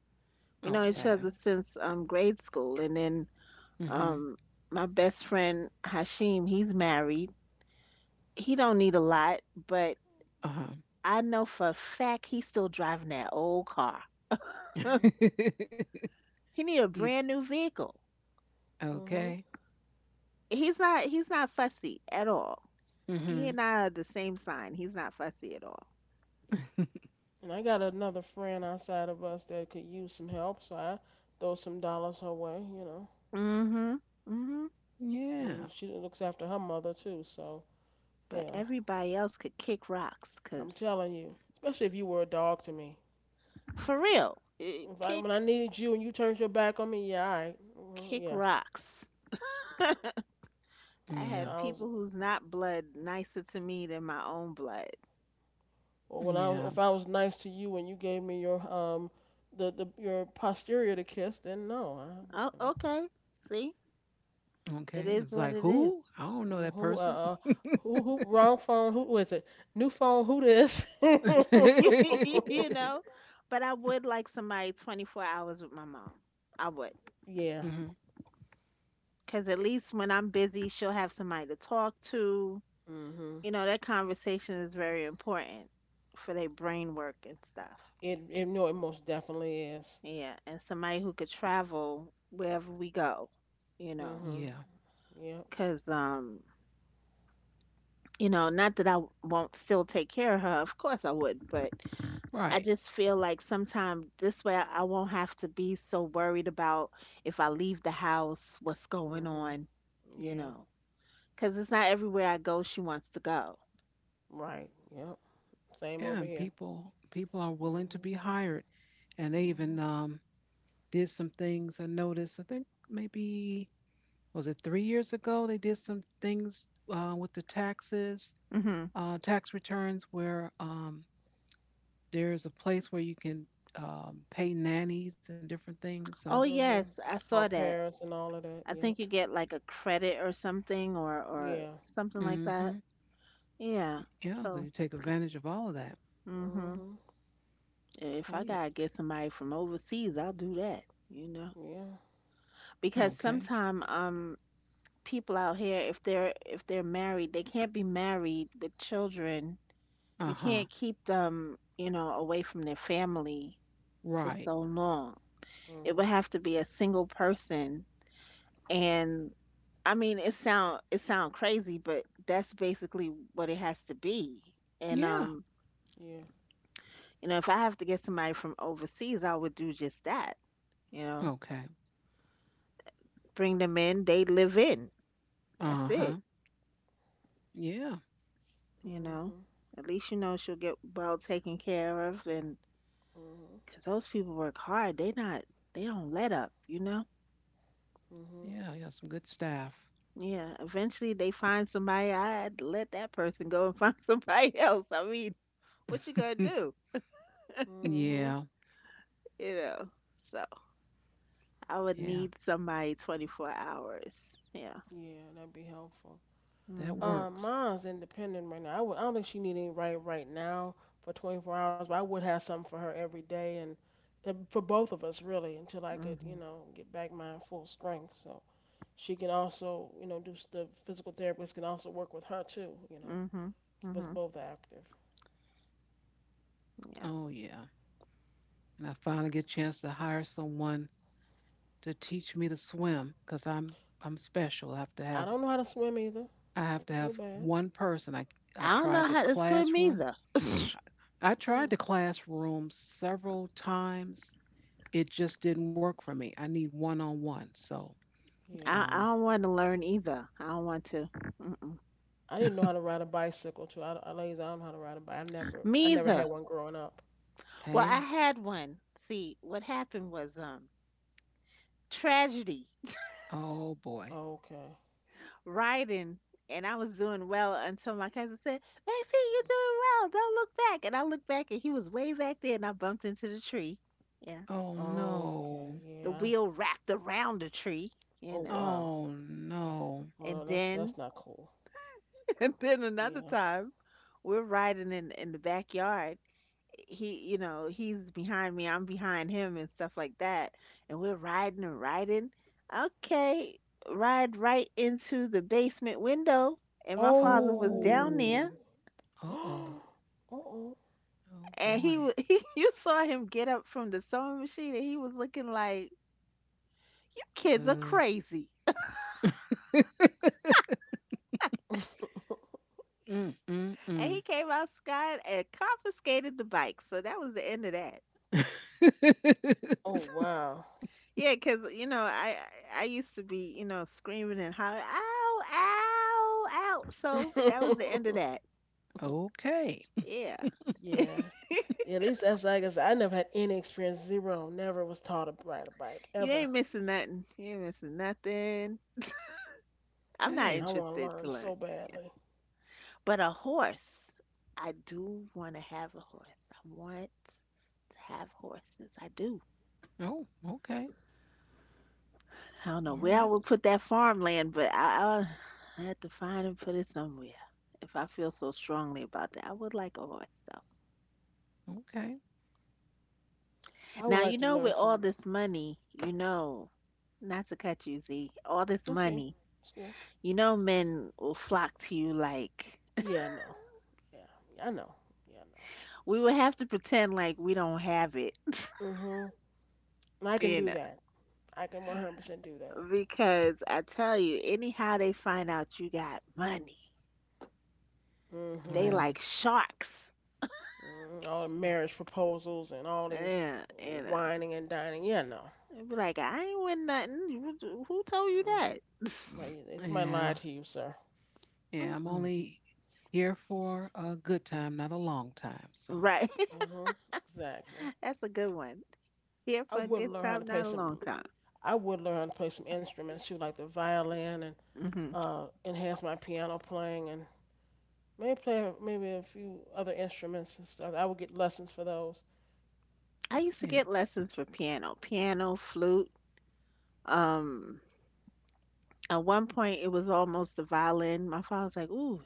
[SPEAKER 2] We know each
[SPEAKER 1] Okay.
[SPEAKER 2] other
[SPEAKER 3] Mhm.
[SPEAKER 2] since grade school, and then
[SPEAKER 1] Mhm.
[SPEAKER 2] um my best friend Hashim, he's married. He don't need a lot, but
[SPEAKER 1] Uh-huh.
[SPEAKER 2] I know for a fact he's still driving that old car.
[SPEAKER 3] Mhm.
[SPEAKER 2] He need a
[SPEAKER 1] you,
[SPEAKER 2] brand new vehicle.
[SPEAKER 3] Mhm.
[SPEAKER 1] okay.
[SPEAKER 2] He's not he's not fussy at all. He
[SPEAKER 1] Mhm.
[SPEAKER 2] and I are the same sign. He's not fussy at all.
[SPEAKER 3] And I got another friend outside of us that could use some help, so I throw some dollars her way.
[SPEAKER 2] Mhm. Mhm.
[SPEAKER 1] yeah.
[SPEAKER 3] And she looks after her mother too, so.
[SPEAKER 2] But
[SPEAKER 3] Yeah,
[SPEAKER 2] everybody else could kick rocks,
[SPEAKER 3] I'm
[SPEAKER 2] 'cause
[SPEAKER 3] telling you. Especially if you were a dog to me.
[SPEAKER 2] for real,
[SPEAKER 3] If I when I needed you and you turned your back on me, yeah, all right. Mhm,
[SPEAKER 2] kick
[SPEAKER 3] yeah.
[SPEAKER 2] rocks. I
[SPEAKER 3] When
[SPEAKER 1] Yeah.
[SPEAKER 2] had
[SPEAKER 3] I was
[SPEAKER 2] people who's not blood nicer to me than my own blood.
[SPEAKER 3] or when I was, or
[SPEAKER 1] Yeah.
[SPEAKER 3] If I was nice to you and you gave me your posterior to kiss, then no. I
[SPEAKER 2] Oh,
[SPEAKER 3] you know.
[SPEAKER 2] okay. See? It
[SPEAKER 1] Okay.
[SPEAKER 2] is
[SPEAKER 1] It's
[SPEAKER 2] what
[SPEAKER 1] like
[SPEAKER 2] it
[SPEAKER 1] who?
[SPEAKER 2] is.
[SPEAKER 1] I don't know
[SPEAKER 3] Mm.
[SPEAKER 1] that
[SPEAKER 3] Who uh,
[SPEAKER 1] person.
[SPEAKER 3] uh who who wrong phone, who is it, new phone who this?
[SPEAKER 2] You
[SPEAKER 1] mhm.
[SPEAKER 2] know? But I would like somebody 24 hours with my mom. I would,
[SPEAKER 3] Yeah.
[SPEAKER 2] cause at least when I'm busy, she'll have somebody to talk to.
[SPEAKER 3] Mhm.
[SPEAKER 2] You know, that conversation is very important for their brain work and stuff.
[SPEAKER 3] It it no it most definitely is.
[SPEAKER 2] Yeah, and somebody who could travel wherever we go, you
[SPEAKER 3] Mhm.
[SPEAKER 2] know,
[SPEAKER 1] Yeah.
[SPEAKER 3] Yep.
[SPEAKER 2] because not that I won't still take care of her, of course I would, but I
[SPEAKER 1] Right.
[SPEAKER 2] just feel like sometimes this way I won't have to be so worried about if I leave the house, what's going
[SPEAKER 3] Mhm.
[SPEAKER 2] on, you
[SPEAKER 3] Yeah.
[SPEAKER 2] know, because it's not everywhere I go she wants to go.
[SPEAKER 3] Right. Yep. Same over
[SPEAKER 1] Yeah, and
[SPEAKER 3] here.
[SPEAKER 1] people people are willing to
[SPEAKER 3] Mhm.
[SPEAKER 1] be hired, and they
[SPEAKER 3] Mhm.
[SPEAKER 1] even did some things. I noticed. I think maybe was it 3 years ago they did some things with the taxes,
[SPEAKER 2] Hmm.
[SPEAKER 1] tax returns, where there's a place where you can pay nannies and different things. So,
[SPEAKER 2] Oh,
[SPEAKER 3] Mhm.
[SPEAKER 2] yes, I
[SPEAKER 3] All
[SPEAKER 2] saw that.
[SPEAKER 3] Paris and all of that.
[SPEAKER 2] I
[SPEAKER 3] Yep.
[SPEAKER 2] think you get like a credit or
[SPEAKER 3] Yeah.
[SPEAKER 2] something like
[SPEAKER 1] hmm
[SPEAKER 2] that. Yeah.
[SPEAKER 1] yeah, so
[SPEAKER 2] So,
[SPEAKER 1] you take advantage of all of that.
[SPEAKER 2] mhm.
[SPEAKER 3] Mhm.
[SPEAKER 2] If
[SPEAKER 1] Oh
[SPEAKER 2] I
[SPEAKER 1] yeah.
[SPEAKER 2] gotta get somebody from overseas, I'll do that, you know.
[SPEAKER 3] Yeah.
[SPEAKER 2] Because
[SPEAKER 1] Okay.
[SPEAKER 2] sometime people out here if they're married, they can't be married with children.
[SPEAKER 1] Uh
[SPEAKER 2] You
[SPEAKER 1] huh.
[SPEAKER 2] can't keep them, you know, away from their family for
[SPEAKER 1] Right.
[SPEAKER 2] so long. It would
[SPEAKER 3] Mhm.
[SPEAKER 2] have to be a single person and I mean, it sound crazy, but that's basically what it has to be. And
[SPEAKER 1] Yeah.
[SPEAKER 3] Yeah.
[SPEAKER 2] You know, if I have to get somebody from overseas, I would do just that. You know,
[SPEAKER 1] Okay.
[SPEAKER 2] bring them in, they live in.
[SPEAKER 1] Uh
[SPEAKER 2] That's it.
[SPEAKER 1] huh. Yeah.
[SPEAKER 2] You know,
[SPEAKER 3] Mhm.
[SPEAKER 2] at least you know she'll get well taken care of, and
[SPEAKER 3] Mhm.
[SPEAKER 2] because those people work hard, they don't let up. You know.
[SPEAKER 3] Mhm.
[SPEAKER 1] Yeah. Yeah. Some good staff.
[SPEAKER 2] Yeah, eventually they find somebody. I would let that person go and find somebody else. I mean, what you gonna do?
[SPEAKER 3] Mhm.
[SPEAKER 1] yeah,
[SPEAKER 2] You know. So. I would
[SPEAKER 1] yeah,
[SPEAKER 2] need somebody 24 hours. Yeah.
[SPEAKER 3] Yeah, that'd be helpful.
[SPEAKER 1] that
[SPEAKER 2] Mhm.
[SPEAKER 1] works.
[SPEAKER 3] Mine's independent right now. I don't think she need any right now for 24 hours, but I would have something for her every day and for both of us really until I could,
[SPEAKER 2] Mhm.
[SPEAKER 3] get back my full strength. So she can also, the physical therapist can also work with her too.
[SPEAKER 2] Mhm.
[SPEAKER 3] Was
[SPEAKER 2] Mhm.
[SPEAKER 3] both active.
[SPEAKER 2] Yeah.
[SPEAKER 1] Oh, yeah. And I finally get a chance to hire someone to teach me to swim because I'm special. I have to have
[SPEAKER 3] I don't know how to swim either.
[SPEAKER 1] I have to
[SPEAKER 3] Don't feel
[SPEAKER 1] have
[SPEAKER 3] bad.
[SPEAKER 1] one person. I
[SPEAKER 2] I don't know
[SPEAKER 1] tried the
[SPEAKER 2] how to swim
[SPEAKER 1] classroom.
[SPEAKER 2] either.
[SPEAKER 1] I tried the
[SPEAKER 3] Mm,
[SPEAKER 1] classroom several times. It just didn't work for me. I need one on one. So,
[SPEAKER 2] I
[SPEAKER 3] yeah.
[SPEAKER 2] I
[SPEAKER 1] um,
[SPEAKER 2] don't want to learn either. I don't want to. Mm-mm.
[SPEAKER 3] I didn't know how to ride a bicycle too. I, like I said, I don't know how to ride a bike. I never I
[SPEAKER 2] Me
[SPEAKER 3] never
[SPEAKER 2] either.
[SPEAKER 3] had one growing up.
[SPEAKER 2] Well, I
[SPEAKER 1] hey,
[SPEAKER 2] had one. See, what happened was tragedy
[SPEAKER 1] oh boy,
[SPEAKER 3] Okay.
[SPEAKER 2] riding, and I was doing well until my cousin said, "Maxie, you're doing well. Don't look back." And I looked back, and he was way back there, and I bumped into the tree. Yeah.
[SPEAKER 1] oh
[SPEAKER 3] Okay.
[SPEAKER 1] no,
[SPEAKER 2] The
[SPEAKER 3] Yeah.
[SPEAKER 2] wheel wrapped around the tree, you
[SPEAKER 3] Oh
[SPEAKER 2] know.
[SPEAKER 3] wow.
[SPEAKER 1] oh no,
[SPEAKER 3] Hold
[SPEAKER 2] And
[SPEAKER 3] on. That's
[SPEAKER 2] then
[SPEAKER 3] that's not cool.
[SPEAKER 2] and then another
[SPEAKER 3] Yeah.
[SPEAKER 2] time, we're riding in the backyard. He, you know, he's behind me, I'm behind him and stuff like that. And we're riding and riding. Okay, ride right into the basement window. And my father was down
[SPEAKER 1] oh,
[SPEAKER 3] Oh.
[SPEAKER 2] there,
[SPEAKER 1] uh oh.
[SPEAKER 3] Uh-oh.
[SPEAKER 1] Oh
[SPEAKER 2] and
[SPEAKER 1] boy.
[SPEAKER 2] he you saw him get up from the sewing machine, and he was looking like, "You kids are
[SPEAKER 1] Uh,
[SPEAKER 2] crazy."
[SPEAKER 1] mm, mm,
[SPEAKER 2] And he
[SPEAKER 1] mm.
[SPEAKER 2] came outside and confiscated the bike. So that was the end of that.
[SPEAKER 3] Oh wow.
[SPEAKER 2] Yeah, 'cause, you know, I used to be, you know, screaming and hollering, "Ow, ow, ow." So that was the end of that.
[SPEAKER 1] Okay.
[SPEAKER 2] Yeah.
[SPEAKER 3] Yeah. Yeah, at least that's like I said, I never had any experience, zero, never was taught to ride a bike,
[SPEAKER 2] You
[SPEAKER 3] ever.
[SPEAKER 2] ain't missing nothing. You ain't missing nothing. I'm not
[SPEAKER 1] Hey.
[SPEAKER 3] I want to
[SPEAKER 2] interested
[SPEAKER 3] learn
[SPEAKER 2] to
[SPEAKER 3] so
[SPEAKER 2] learn. Yeah.
[SPEAKER 3] badly.
[SPEAKER 2] But a horse, I do want to have a horse. I want to have horses. I do.
[SPEAKER 1] Oh, okay.
[SPEAKER 2] I don't
[SPEAKER 1] All
[SPEAKER 2] know
[SPEAKER 1] right.
[SPEAKER 2] where I would put that farmland, but I have to find and put it somewhere if I feel so strongly about that. I would like a horse, though.
[SPEAKER 1] Okay.
[SPEAKER 3] I would
[SPEAKER 2] Now,
[SPEAKER 3] like
[SPEAKER 2] you
[SPEAKER 3] to
[SPEAKER 2] know,
[SPEAKER 3] learn
[SPEAKER 2] with all
[SPEAKER 3] some.
[SPEAKER 2] this money, you know, not to cut you, Z, all this
[SPEAKER 3] That's good.
[SPEAKER 2] money,
[SPEAKER 3] That's good.
[SPEAKER 2] you know, men will flock to you like,
[SPEAKER 3] Yeah, I know. Yeah, I know. Yeah, I
[SPEAKER 2] we would have to pretend like we don't have it,
[SPEAKER 3] know. Mhm. And I can
[SPEAKER 2] you
[SPEAKER 3] do
[SPEAKER 2] know,
[SPEAKER 3] that. I can 100% do that.
[SPEAKER 2] because I tell you, anyhow they find out you got money, they
[SPEAKER 3] Mhm.
[SPEAKER 2] like
[SPEAKER 1] Well,
[SPEAKER 2] sharks.
[SPEAKER 3] Mm, all the marriage proposals and all these
[SPEAKER 2] Yeah, you know,
[SPEAKER 3] whining and dining. Yeah, no.
[SPEAKER 2] they be like, I ain't win nothing. Who told you
[SPEAKER 3] Mm,
[SPEAKER 2] that?
[SPEAKER 3] right. Yeah, it's my
[SPEAKER 1] yeah.
[SPEAKER 3] lie to you, sir.
[SPEAKER 1] Yeah. I'm
[SPEAKER 2] Mm-mm.
[SPEAKER 1] only here for a good time, not a long time. So,
[SPEAKER 2] Right.
[SPEAKER 3] Mhm. Exactly.
[SPEAKER 1] that's,
[SPEAKER 2] That's a good one. Here
[SPEAKER 3] I
[SPEAKER 2] for a
[SPEAKER 1] mm,
[SPEAKER 3] would
[SPEAKER 2] good
[SPEAKER 3] learn how
[SPEAKER 2] time,
[SPEAKER 3] to play
[SPEAKER 2] not a long
[SPEAKER 3] some.
[SPEAKER 2] time.
[SPEAKER 3] I would learn how to play some instruments too, like the violin, and
[SPEAKER 2] Hmm.
[SPEAKER 3] enhance my piano playing, and maybe play maybe a few other instruments and stuff. I would get lessons for those.
[SPEAKER 2] I used to
[SPEAKER 1] yeah.
[SPEAKER 2] get lessons for piano, piano, flute. Um, at one point, it was almost the violin. My father's like, "Ooh,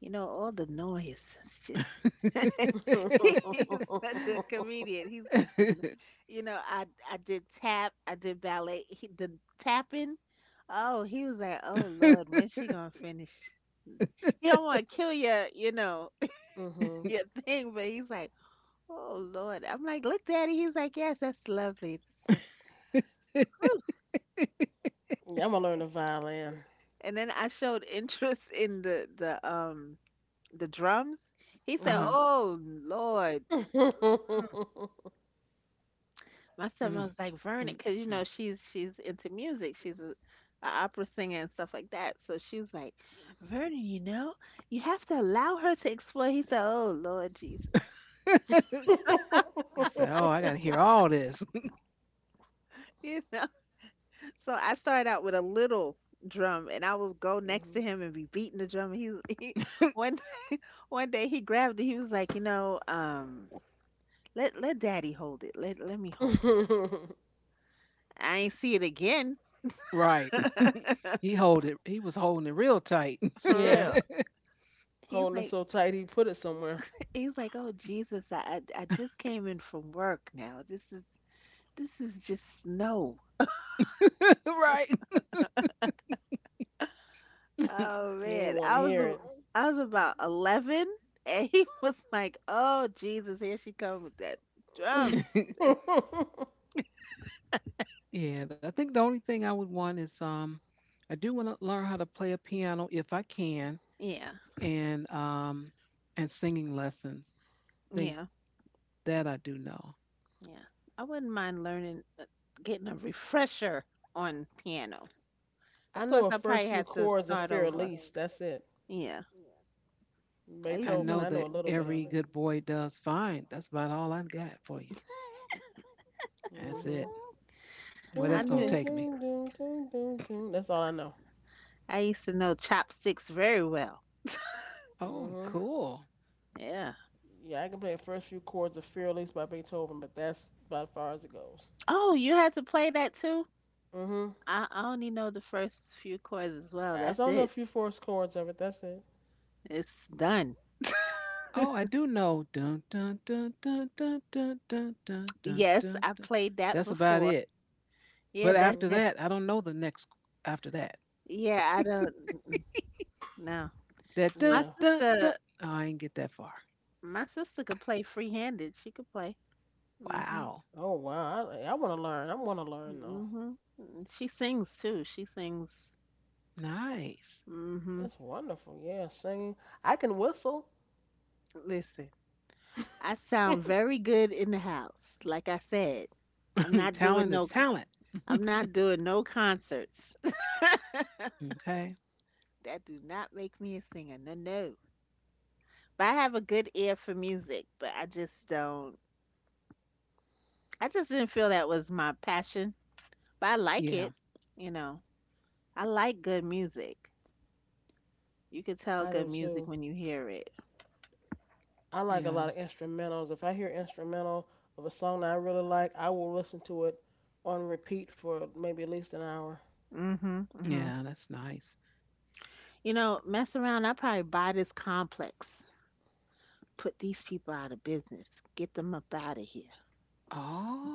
[SPEAKER 2] you know, all the noise. It's just." He's such a comedian. He's like the, n- You know, I did tap, I did ballet. He, the tapping. Oh, he was like, "Oh Lord, when she gonna finish?" You don't want to kill your, you know,
[SPEAKER 3] Mhm.
[SPEAKER 2] your thing, but he's like, "Oh Lord." I'm like, "Look, Daddy." He's like, "Yes, that's lovely." So,
[SPEAKER 3] Yeah, I'm gonna learn the violin.
[SPEAKER 2] and then I showed interest in the the drums. He
[SPEAKER 1] uh
[SPEAKER 2] said,
[SPEAKER 3] Mhm.
[SPEAKER 1] huh.
[SPEAKER 2] "Oh Lord." My son
[SPEAKER 1] Mm,
[SPEAKER 2] was like, "Vernon,
[SPEAKER 1] mm,
[SPEAKER 2] because you know she's into music. She's a opera singer and stuff like that." So she was like, "Vernon, you know, you have to allow her to explore." He said, "Oh Lord Jesus."
[SPEAKER 1] mm. he said, Oh, I got to hear all this.
[SPEAKER 2] You know. So I started out with a little drum and I would go next to him and be beating the drum. He one one day he grabbed it. He was like, "You know, let let daddy hold it. Let let me hold it.
[SPEAKER 3] Mhm.
[SPEAKER 2] I ain't see it again.
[SPEAKER 1] right. He hold it. He was holding it real tight,
[SPEAKER 2] For
[SPEAKER 3] Yeah,
[SPEAKER 2] real. He's
[SPEAKER 3] holding it
[SPEAKER 2] like
[SPEAKER 3] so tight he put it somewhere.
[SPEAKER 2] he's like, Oh Jesus, I just came in from work now. This is just snow.
[SPEAKER 1] right?
[SPEAKER 2] Oh
[SPEAKER 3] He ain't
[SPEAKER 2] man.
[SPEAKER 3] want to hear it.
[SPEAKER 2] I was about 11 and he was like, Oh Jesus, here she comes with that drum.
[SPEAKER 1] yeah, and I think the only thing I would want is I do want to learn how to play a piano if I can,
[SPEAKER 2] Yeah,
[SPEAKER 1] and um, and singing lessons. I think
[SPEAKER 2] yeah,
[SPEAKER 1] that I do know.
[SPEAKER 2] yeah. I wouldn't mind learning getting a refresher on piano.
[SPEAKER 3] I
[SPEAKER 2] Of
[SPEAKER 3] know
[SPEAKER 2] course
[SPEAKER 3] a
[SPEAKER 2] I
[SPEAKER 3] first
[SPEAKER 2] probably
[SPEAKER 3] few
[SPEAKER 2] had to
[SPEAKER 3] chords of
[SPEAKER 2] start
[SPEAKER 3] Fear
[SPEAKER 2] over.
[SPEAKER 3] Elise. That's it.
[SPEAKER 2] Yeah. I used
[SPEAKER 1] I
[SPEAKER 2] to
[SPEAKER 3] Beethoven.
[SPEAKER 1] know
[SPEAKER 2] know
[SPEAKER 3] I know
[SPEAKER 1] that
[SPEAKER 3] a little bit of
[SPEAKER 1] every
[SPEAKER 3] it.
[SPEAKER 1] good boy does fine. That's about all I got for you. That's it.
[SPEAKER 3] Mhm.
[SPEAKER 1] Well,
[SPEAKER 2] I
[SPEAKER 1] that's
[SPEAKER 3] Doom,
[SPEAKER 1] gonna
[SPEAKER 2] knew
[SPEAKER 3] doom,
[SPEAKER 1] take me.
[SPEAKER 3] doom, doom, doom, doom, doom. That's all I know.
[SPEAKER 2] I used to know chopsticks very well.
[SPEAKER 1] Oh,
[SPEAKER 3] Mhm.
[SPEAKER 1] cool.
[SPEAKER 2] Yeah.
[SPEAKER 3] Yeah, I can play the first few chords of Fearless by Beethoven, but that's about as far as it goes.
[SPEAKER 2] Oh, you had to play that too?
[SPEAKER 3] Mhm.
[SPEAKER 2] I only know the first few chords as well.
[SPEAKER 3] I just
[SPEAKER 2] That's
[SPEAKER 3] don't know a
[SPEAKER 2] it.
[SPEAKER 3] few first chords of it. That's it.
[SPEAKER 2] It's done.
[SPEAKER 1] Oh, I do know. Dun dun dun dun dun dun dun dun dun
[SPEAKER 2] Yes,
[SPEAKER 1] dun.
[SPEAKER 2] I
[SPEAKER 1] Dun.
[SPEAKER 2] played that
[SPEAKER 1] That's about
[SPEAKER 2] before.
[SPEAKER 1] it. But
[SPEAKER 2] Yeah, that's
[SPEAKER 1] after
[SPEAKER 3] Mhm.
[SPEAKER 2] it.
[SPEAKER 1] that, I don't know the next after that.
[SPEAKER 2] Yeah, I don't mm no.
[SPEAKER 1] That
[SPEAKER 2] My
[SPEAKER 1] dun
[SPEAKER 3] Yeah.
[SPEAKER 1] dun dun.
[SPEAKER 2] sister
[SPEAKER 1] Oh, I didn't get that far.
[SPEAKER 2] my sister could play free-handed. She could play. Mhm.
[SPEAKER 1] Wow.
[SPEAKER 3] Oh wow. I want to learn. I want to learn though.
[SPEAKER 2] Mhm. Mm, she sings too. She sings.
[SPEAKER 1] Nice.
[SPEAKER 2] Mhm.
[SPEAKER 3] That's wonderful. Yeah, singing. I can whistle.
[SPEAKER 2] Listen. I sound very good in the house. Like I said, I'm not
[SPEAKER 1] talent
[SPEAKER 2] doing
[SPEAKER 1] is
[SPEAKER 2] no
[SPEAKER 1] talent.
[SPEAKER 2] I'm not doing no concerts.
[SPEAKER 1] okay.
[SPEAKER 2] That do not make me a singer. No, no. But I have a good ear for music, but I just don't. I just didn't feel that was my passion. But I like
[SPEAKER 1] Yeah.
[SPEAKER 2] it. You know, I like good music. You could tell
[SPEAKER 3] I
[SPEAKER 2] good
[SPEAKER 3] do
[SPEAKER 2] music
[SPEAKER 3] too.
[SPEAKER 2] when you hear it.
[SPEAKER 3] I like a
[SPEAKER 1] Yeah.
[SPEAKER 3] lot of instrumentals. If I hear instrumental of a song that I really like, I will listen to it on repeat for maybe at least an hour.
[SPEAKER 2] Mhm. Mhm.
[SPEAKER 1] Yeah. That's nice.
[SPEAKER 2] You know, mess around. I probably buy this complex. Put these people out of business. Get them up out of here.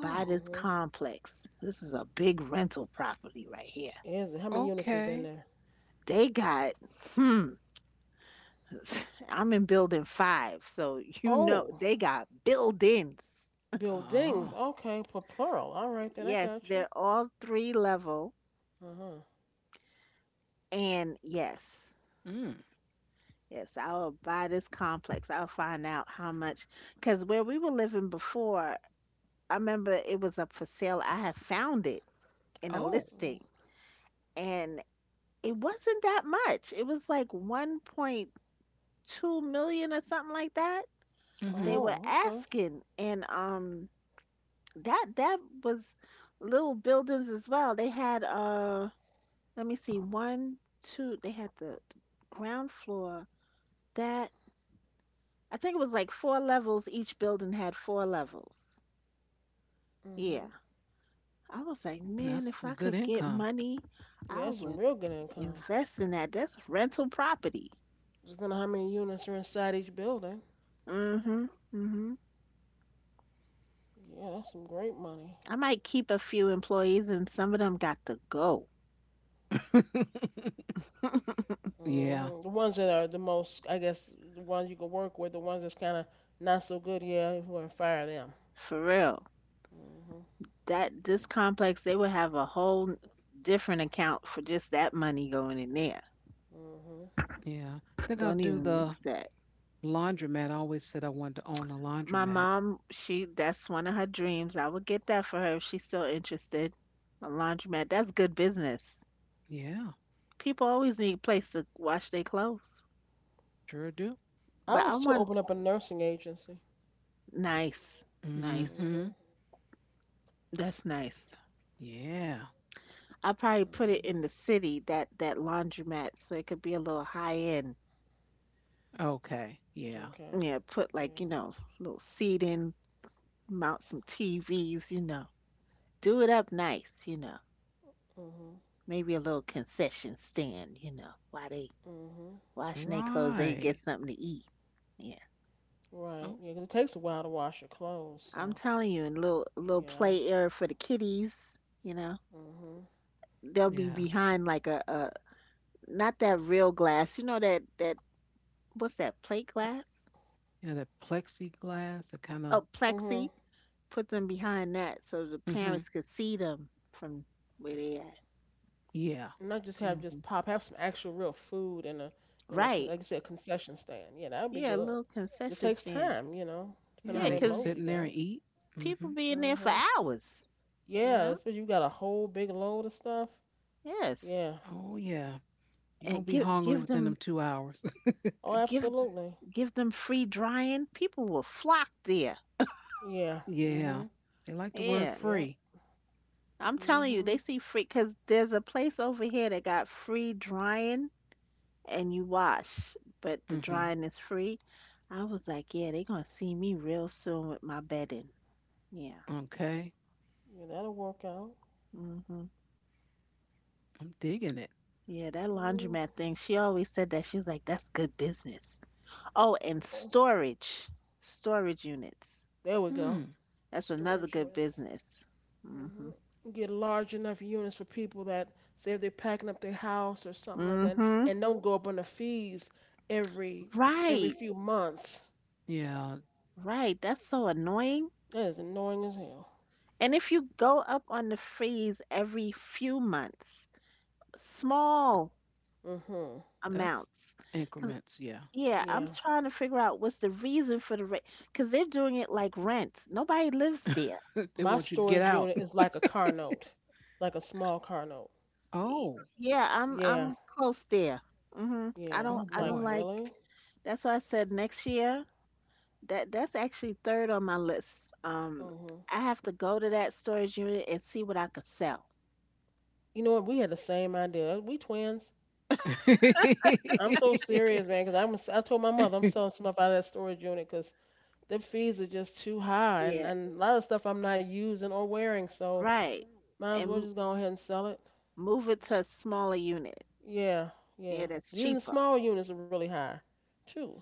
[SPEAKER 2] Buy this
[SPEAKER 3] Mhm.
[SPEAKER 2] complex. This is a big rental property right here.
[SPEAKER 3] Is it? How many units is
[SPEAKER 1] Okay.
[SPEAKER 3] in there?
[SPEAKER 2] They got. Hmm. I'm in building five, so you know
[SPEAKER 3] Oh,
[SPEAKER 2] they got buildings.
[SPEAKER 3] buildings.
[SPEAKER 1] Oh.
[SPEAKER 3] Okay, for plural. All right, then I
[SPEAKER 2] Yes,
[SPEAKER 3] got you.
[SPEAKER 2] they're all three level.
[SPEAKER 3] Uh
[SPEAKER 2] And yes,
[SPEAKER 1] Mm.
[SPEAKER 2] yes, I'll buy this complex. I'll find out how much. Because where we were living before, I remember it was up for sale. I had found it in a
[SPEAKER 1] Oh.
[SPEAKER 3] huh.
[SPEAKER 2] listing, and it wasn't that much. It was like 1.2 million or something like that. They
[SPEAKER 1] Mm-hmm.
[SPEAKER 2] were
[SPEAKER 3] Oh, okay.
[SPEAKER 2] asking, and that was little buildings as well. They had let me see, one, two, they had the ground floor. That I think it was like four levels. Each building had four levels. Yeah.
[SPEAKER 3] Mhm.
[SPEAKER 2] I was like, man,
[SPEAKER 1] That's
[SPEAKER 2] if
[SPEAKER 1] some
[SPEAKER 2] I
[SPEAKER 1] good
[SPEAKER 2] could get
[SPEAKER 1] income.
[SPEAKER 2] money,
[SPEAKER 3] Yeah,
[SPEAKER 2] I
[SPEAKER 3] that's some
[SPEAKER 2] would
[SPEAKER 3] real good income.
[SPEAKER 2] invest in that. That's rental property.
[SPEAKER 3] Just wonder how many units are inside each building.
[SPEAKER 2] Hmm. Hmm.
[SPEAKER 3] Yeah, that's some great money.
[SPEAKER 2] I might keep a few employees and some of them got to go.
[SPEAKER 1] yeah.
[SPEAKER 3] Mhm. The ones that are the most, I guess, the ones you can work with. The ones that's kind of not so good. Yeah, who are fire them.
[SPEAKER 2] For real.
[SPEAKER 3] Mhm.
[SPEAKER 2] That this complex they would have a whole different account for just that money going in there.
[SPEAKER 3] Mhm.
[SPEAKER 1] Yeah. I think I'll
[SPEAKER 2] Don't
[SPEAKER 1] do
[SPEAKER 2] even mix
[SPEAKER 1] the
[SPEAKER 2] that.
[SPEAKER 1] laundromat. I always said I wanted to own a
[SPEAKER 2] My
[SPEAKER 1] laundromat.
[SPEAKER 2] mom, she that's one of her dreams. I would get that for her if she's still interested. A laundromat, that's good business.
[SPEAKER 1] Yeah.
[SPEAKER 2] People always need a place to wash their clothes.
[SPEAKER 1] Sure do.
[SPEAKER 3] I
[SPEAKER 2] But I
[SPEAKER 3] was to
[SPEAKER 2] want
[SPEAKER 3] open up a nursing agency.
[SPEAKER 2] nice, nice.
[SPEAKER 1] Mm-hmm.
[SPEAKER 3] Mhm.
[SPEAKER 2] That's nice.
[SPEAKER 1] Yeah.
[SPEAKER 2] I'll probably put it in
[SPEAKER 3] Mhm.
[SPEAKER 2] the city, that that laundromat, so it could be a little high end.
[SPEAKER 1] Okay. Yeah.
[SPEAKER 3] Okay.
[SPEAKER 2] Yeah, put like, you
[SPEAKER 3] Yeah.
[SPEAKER 2] know, little seating, mount some TVs, you know. Do it up nice, you know.
[SPEAKER 3] Mhm.
[SPEAKER 2] Maybe a little concession stand, you know, while they
[SPEAKER 3] Mhm.
[SPEAKER 2] washing their clothes, they get
[SPEAKER 1] Right.
[SPEAKER 2] something to eat. Yeah.
[SPEAKER 3] Right.
[SPEAKER 1] Oh,
[SPEAKER 3] Yeah, 'cause it takes a while to wash your clothes.
[SPEAKER 2] I'm
[SPEAKER 3] So
[SPEAKER 2] telling you, and a little
[SPEAKER 3] yeah.
[SPEAKER 2] play area for the kiddies, you know.
[SPEAKER 3] I've, mhm.
[SPEAKER 2] They'll be
[SPEAKER 1] yeah.
[SPEAKER 2] behind like a not that real glass, you know that that what's that, plate
[SPEAKER 1] P-
[SPEAKER 2] glass?
[SPEAKER 1] Yeah, that plexiglass, that kind of.
[SPEAKER 2] Oh,
[SPEAKER 3] Mhm.
[SPEAKER 2] plexi. Put them behind that so the
[SPEAKER 1] Hmm
[SPEAKER 2] parents could see them from where they at.
[SPEAKER 1] Yeah.
[SPEAKER 3] Not just have just
[SPEAKER 2] Hmm.
[SPEAKER 3] pop. Have some actual real food in a,
[SPEAKER 2] Right.
[SPEAKER 3] like you said, concession stand. Yeah, that would be
[SPEAKER 2] Yeah, a
[SPEAKER 3] good.
[SPEAKER 2] little
[SPEAKER 3] It
[SPEAKER 2] concession
[SPEAKER 3] takes
[SPEAKER 2] stand.
[SPEAKER 3] time, depending
[SPEAKER 1] Yeah,
[SPEAKER 3] on how
[SPEAKER 1] and
[SPEAKER 2] Yeah,
[SPEAKER 3] many
[SPEAKER 1] they can
[SPEAKER 3] loads
[SPEAKER 2] 'cause
[SPEAKER 1] sit
[SPEAKER 3] you
[SPEAKER 1] in there
[SPEAKER 3] got.
[SPEAKER 1] and eat. Hmm
[SPEAKER 2] people be in there for
[SPEAKER 3] Mhm.
[SPEAKER 2] hours. You
[SPEAKER 3] Yeah,
[SPEAKER 2] know,
[SPEAKER 3] especially you got a whole big load of stuff.
[SPEAKER 2] yes,
[SPEAKER 3] Yeah.
[SPEAKER 1] Oh, yeah. You're gonna
[SPEAKER 2] and
[SPEAKER 1] be hungry
[SPEAKER 3] Yeah.
[SPEAKER 1] within them 2 hours.
[SPEAKER 3] Oh,
[SPEAKER 2] give
[SPEAKER 3] absolutely.
[SPEAKER 2] give them free drying. People will flock there.
[SPEAKER 3] Yeah.
[SPEAKER 1] yeah.
[SPEAKER 3] Mhm.
[SPEAKER 1] They like the word
[SPEAKER 2] Yeah,
[SPEAKER 3] Yep.
[SPEAKER 1] free.
[SPEAKER 2] I'm telling you, they
[SPEAKER 3] Mhm.
[SPEAKER 2] see free because there's a place over here that got free drying and you wash, but the
[SPEAKER 1] Hmm
[SPEAKER 2] drying is free. I was like, yeah, they gonna see me real soon with my bedding. Yeah.
[SPEAKER 1] Okay.
[SPEAKER 3] Yeah, that'll work out.
[SPEAKER 2] Hmm.
[SPEAKER 1] I'm digging it.
[SPEAKER 2] Yeah, that
[SPEAKER 3] Mm.
[SPEAKER 2] laundromat thing, she always said that. She was like, that's good business. Oh, and
[SPEAKER 3] Awesome.
[SPEAKER 2] storage, storage units.
[SPEAKER 3] There we go.
[SPEAKER 1] Hmm.
[SPEAKER 2] That's another
[SPEAKER 3] Storage
[SPEAKER 2] good
[SPEAKER 3] units.
[SPEAKER 2] business.
[SPEAKER 3] Hmm.
[SPEAKER 2] Mhm.
[SPEAKER 3] Get large enough units for people that say if they're packing up their house or something like that,
[SPEAKER 2] Mhm.
[SPEAKER 3] and don't go up on the fees every every
[SPEAKER 2] Right.
[SPEAKER 3] few. Right. Months.
[SPEAKER 1] Yeah.
[SPEAKER 2] Right. That's so annoying.
[SPEAKER 3] That is annoying as hell.
[SPEAKER 2] And if you go up on the freeze every few months, small
[SPEAKER 3] Mhm.
[SPEAKER 1] That's
[SPEAKER 2] amounts. Cause
[SPEAKER 1] increments. Yeah.
[SPEAKER 2] yeah, I'm
[SPEAKER 3] Yeah.
[SPEAKER 2] trying to figure out what's the reason for the rate, because 'cause they're doing it like rent. Nobody lives there.
[SPEAKER 1] they
[SPEAKER 3] My
[SPEAKER 1] want you to get
[SPEAKER 3] storage
[SPEAKER 1] out.
[SPEAKER 3] unit is like a car note, like a small car note.
[SPEAKER 2] Y-
[SPEAKER 1] Oh.
[SPEAKER 2] Yeah, I'm
[SPEAKER 3] Yeah.
[SPEAKER 2] I'm close there. Mhm. I
[SPEAKER 3] Yeah.
[SPEAKER 2] don't
[SPEAKER 1] Oh
[SPEAKER 3] I'm
[SPEAKER 2] I
[SPEAKER 3] like,
[SPEAKER 2] don't
[SPEAKER 1] boy.
[SPEAKER 2] like.
[SPEAKER 3] really?
[SPEAKER 2] That's why I said next year. That that's actually third on my list.
[SPEAKER 3] Mhm.
[SPEAKER 2] I have to go to that storage unit and see what I could sell.
[SPEAKER 3] You know what? We had the same idea. We twins. I'm so serious, man, because 'cause I told my mother I'm selling some stuff out of that storage unit 'cause the fees are just too high, and,
[SPEAKER 2] Yeah,
[SPEAKER 3] and a lot of stuff I'm not using or wearing, so
[SPEAKER 2] right.
[SPEAKER 3] might
[SPEAKER 2] And
[SPEAKER 3] as well
[SPEAKER 2] m-
[SPEAKER 3] just go ahead and sell it.
[SPEAKER 2] Move it to a smaller unit.
[SPEAKER 3] Yeah,
[SPEAKER 2] Yeah,
[SPEAKER 3] yeah.
[SPEAKER 2] that's
[SPEAKER 3] But even the
[SPEAKER 2] cheaper.
[SPEAKER 3] smaller units are really high, too.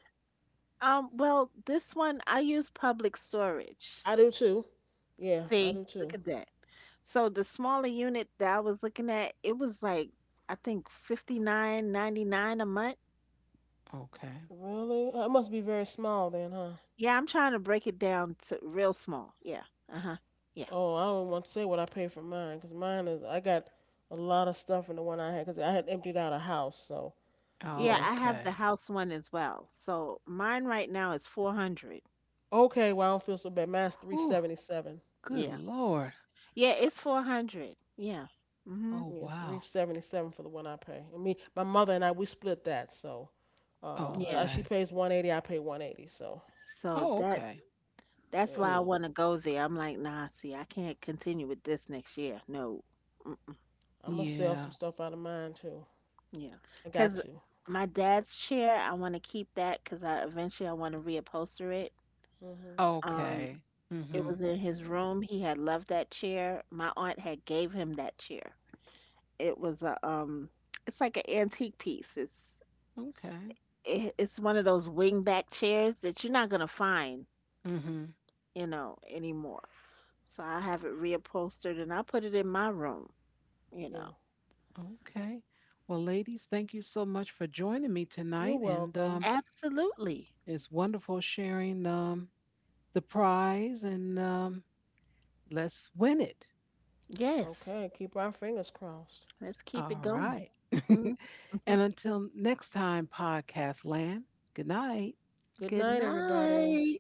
[SPEAKER 2] Well, this one I use public storage.
[SPEAKER 3] I do too. Yeah, I
[SPEAKER 2] See,
[SPEAKER 3] do
[SPEAKER 2] look
[SPEAKER 3] too.
[SPEAKER 2] at that. So the smaller unit that I was looking at, it was like I think 59.99 a month.
[SPEAKER 1] okay.
[SPEAKER 3] Really? I must be very small then, huh?
[SPEAKER 2] Yeah, I'm trying to break it down to real small. Yeah. Uh-huh. Yeah.
[SPEAKER 3] Oh, I don't want to say what I paid for mine, 'cause mine is, I got a lot of stuff in the one I had, 'cause I had emptied out a house, so
[SPEAKER 2] Yeah,
[SPEAKER 3] yeah.
[SPEAKER 2] I have the
[SPEAKER 1] Okay.
[SPEAKER 2] house one as well. So mine right now is 400.
[SPEAKER 3] Okay, well I don't feel so bad. Mine's three
[SPEAKER 1] Whew.
[SPEAKER 3] seventy seven.
[SPEAKER 1] Good
[SPEAKER 2] Yeah.
[SPEAKER 1] Lord.
[SPEAKER 2] Yeah, it's 400. Yeah. Mhm.
[SPEAKER 1] Oh,
[SPEAKER 3] Yes, three
[SPEAKER 1] wow.
[SPEAKER 3] seventy seven for the one I pay. And me, my mother and I, we split that. So, uh,
[SPEAKER 1] Oh,
[SPEAKER 3] she
[SPEAKER 1] okay.
[SPEAKER 2] Yes.
[SPEAKER 3] pays 180, I pay 180. So,
[SPEAKER 2] So
[SPEAKER 1] Oh,
[SPEAKER 2] that
[SPEAKER 1] okay.
[SPEAKER 2] that's why
[SPEAKER 3] yeah,
[SPEAKER 2] I
[SPEAKER 1] Cool.
[SPEAKER 2] want to go there. I'm like, "Nah, see, I can't continue with this next year." No. Mm,
[SPEAKER 3] I'm gonna sell
[SPEAKER 1] Yeah.
[SPEAKER 3] some stuff out of mine too. I
[SPEAKER 2] because
[SPEAKER 3] got you.
[SPEAKER 2] my dad's chair, I want to keep that because I eventually I want to reupholster it.
[SPEAKER 3] Mhm.
[SPEAKER 2] Um,
[SPEAKER 1] Okay.
[SPEAKER 2] it
[SPEAKER 1] Mm-hmm.
[SPEAKER 2] was in his
[SPEAKER 3] Yeah.
[SPEAKER 2] room. He had loved that chair. My aunt had gave him that chair. It was a it's like an antique piece.
[SPEAKER 1] Okay.
[SPEAKER 2] It, it's one of those wingback chairs that you're not gonna find,
[SPEAKER 1] Mm-hmm.
[SPEAKER 2] you know, anymore. So I have it reupholstered and I put it in my room, you
[SPEAKER 3] Yeah.
[SPEAKER 2] know.
[SPEAKER 1] Okay. Well, ladies, thank you so much for joining me
[SPEAKER 3] You're
[SPEAKER 1] tonight. And
[SPEAKER 3] welcome.
[SPEAKER 2] Absolutely.
[SPEAKER 1] it's wonderful sharing the prize, and let's win it.
[SPEAKER 2] Yes.
[SPEAKER 3] Okay. Keep our fingers crossed.
[SPEAKER 2] Let's keep
[SPEAKER 1] All
[SPEAKER 2] it going.
[SPEAKER 1] right.
[SPEAKER 2] Mhm.
[SPEAKER 1] and until next time, Podcast Land, good night.
[SPEAKER 3] Good
[SPEAKER 2] Good
[SPEAKER 3] night, everybody.
[SPEAKER 2] night.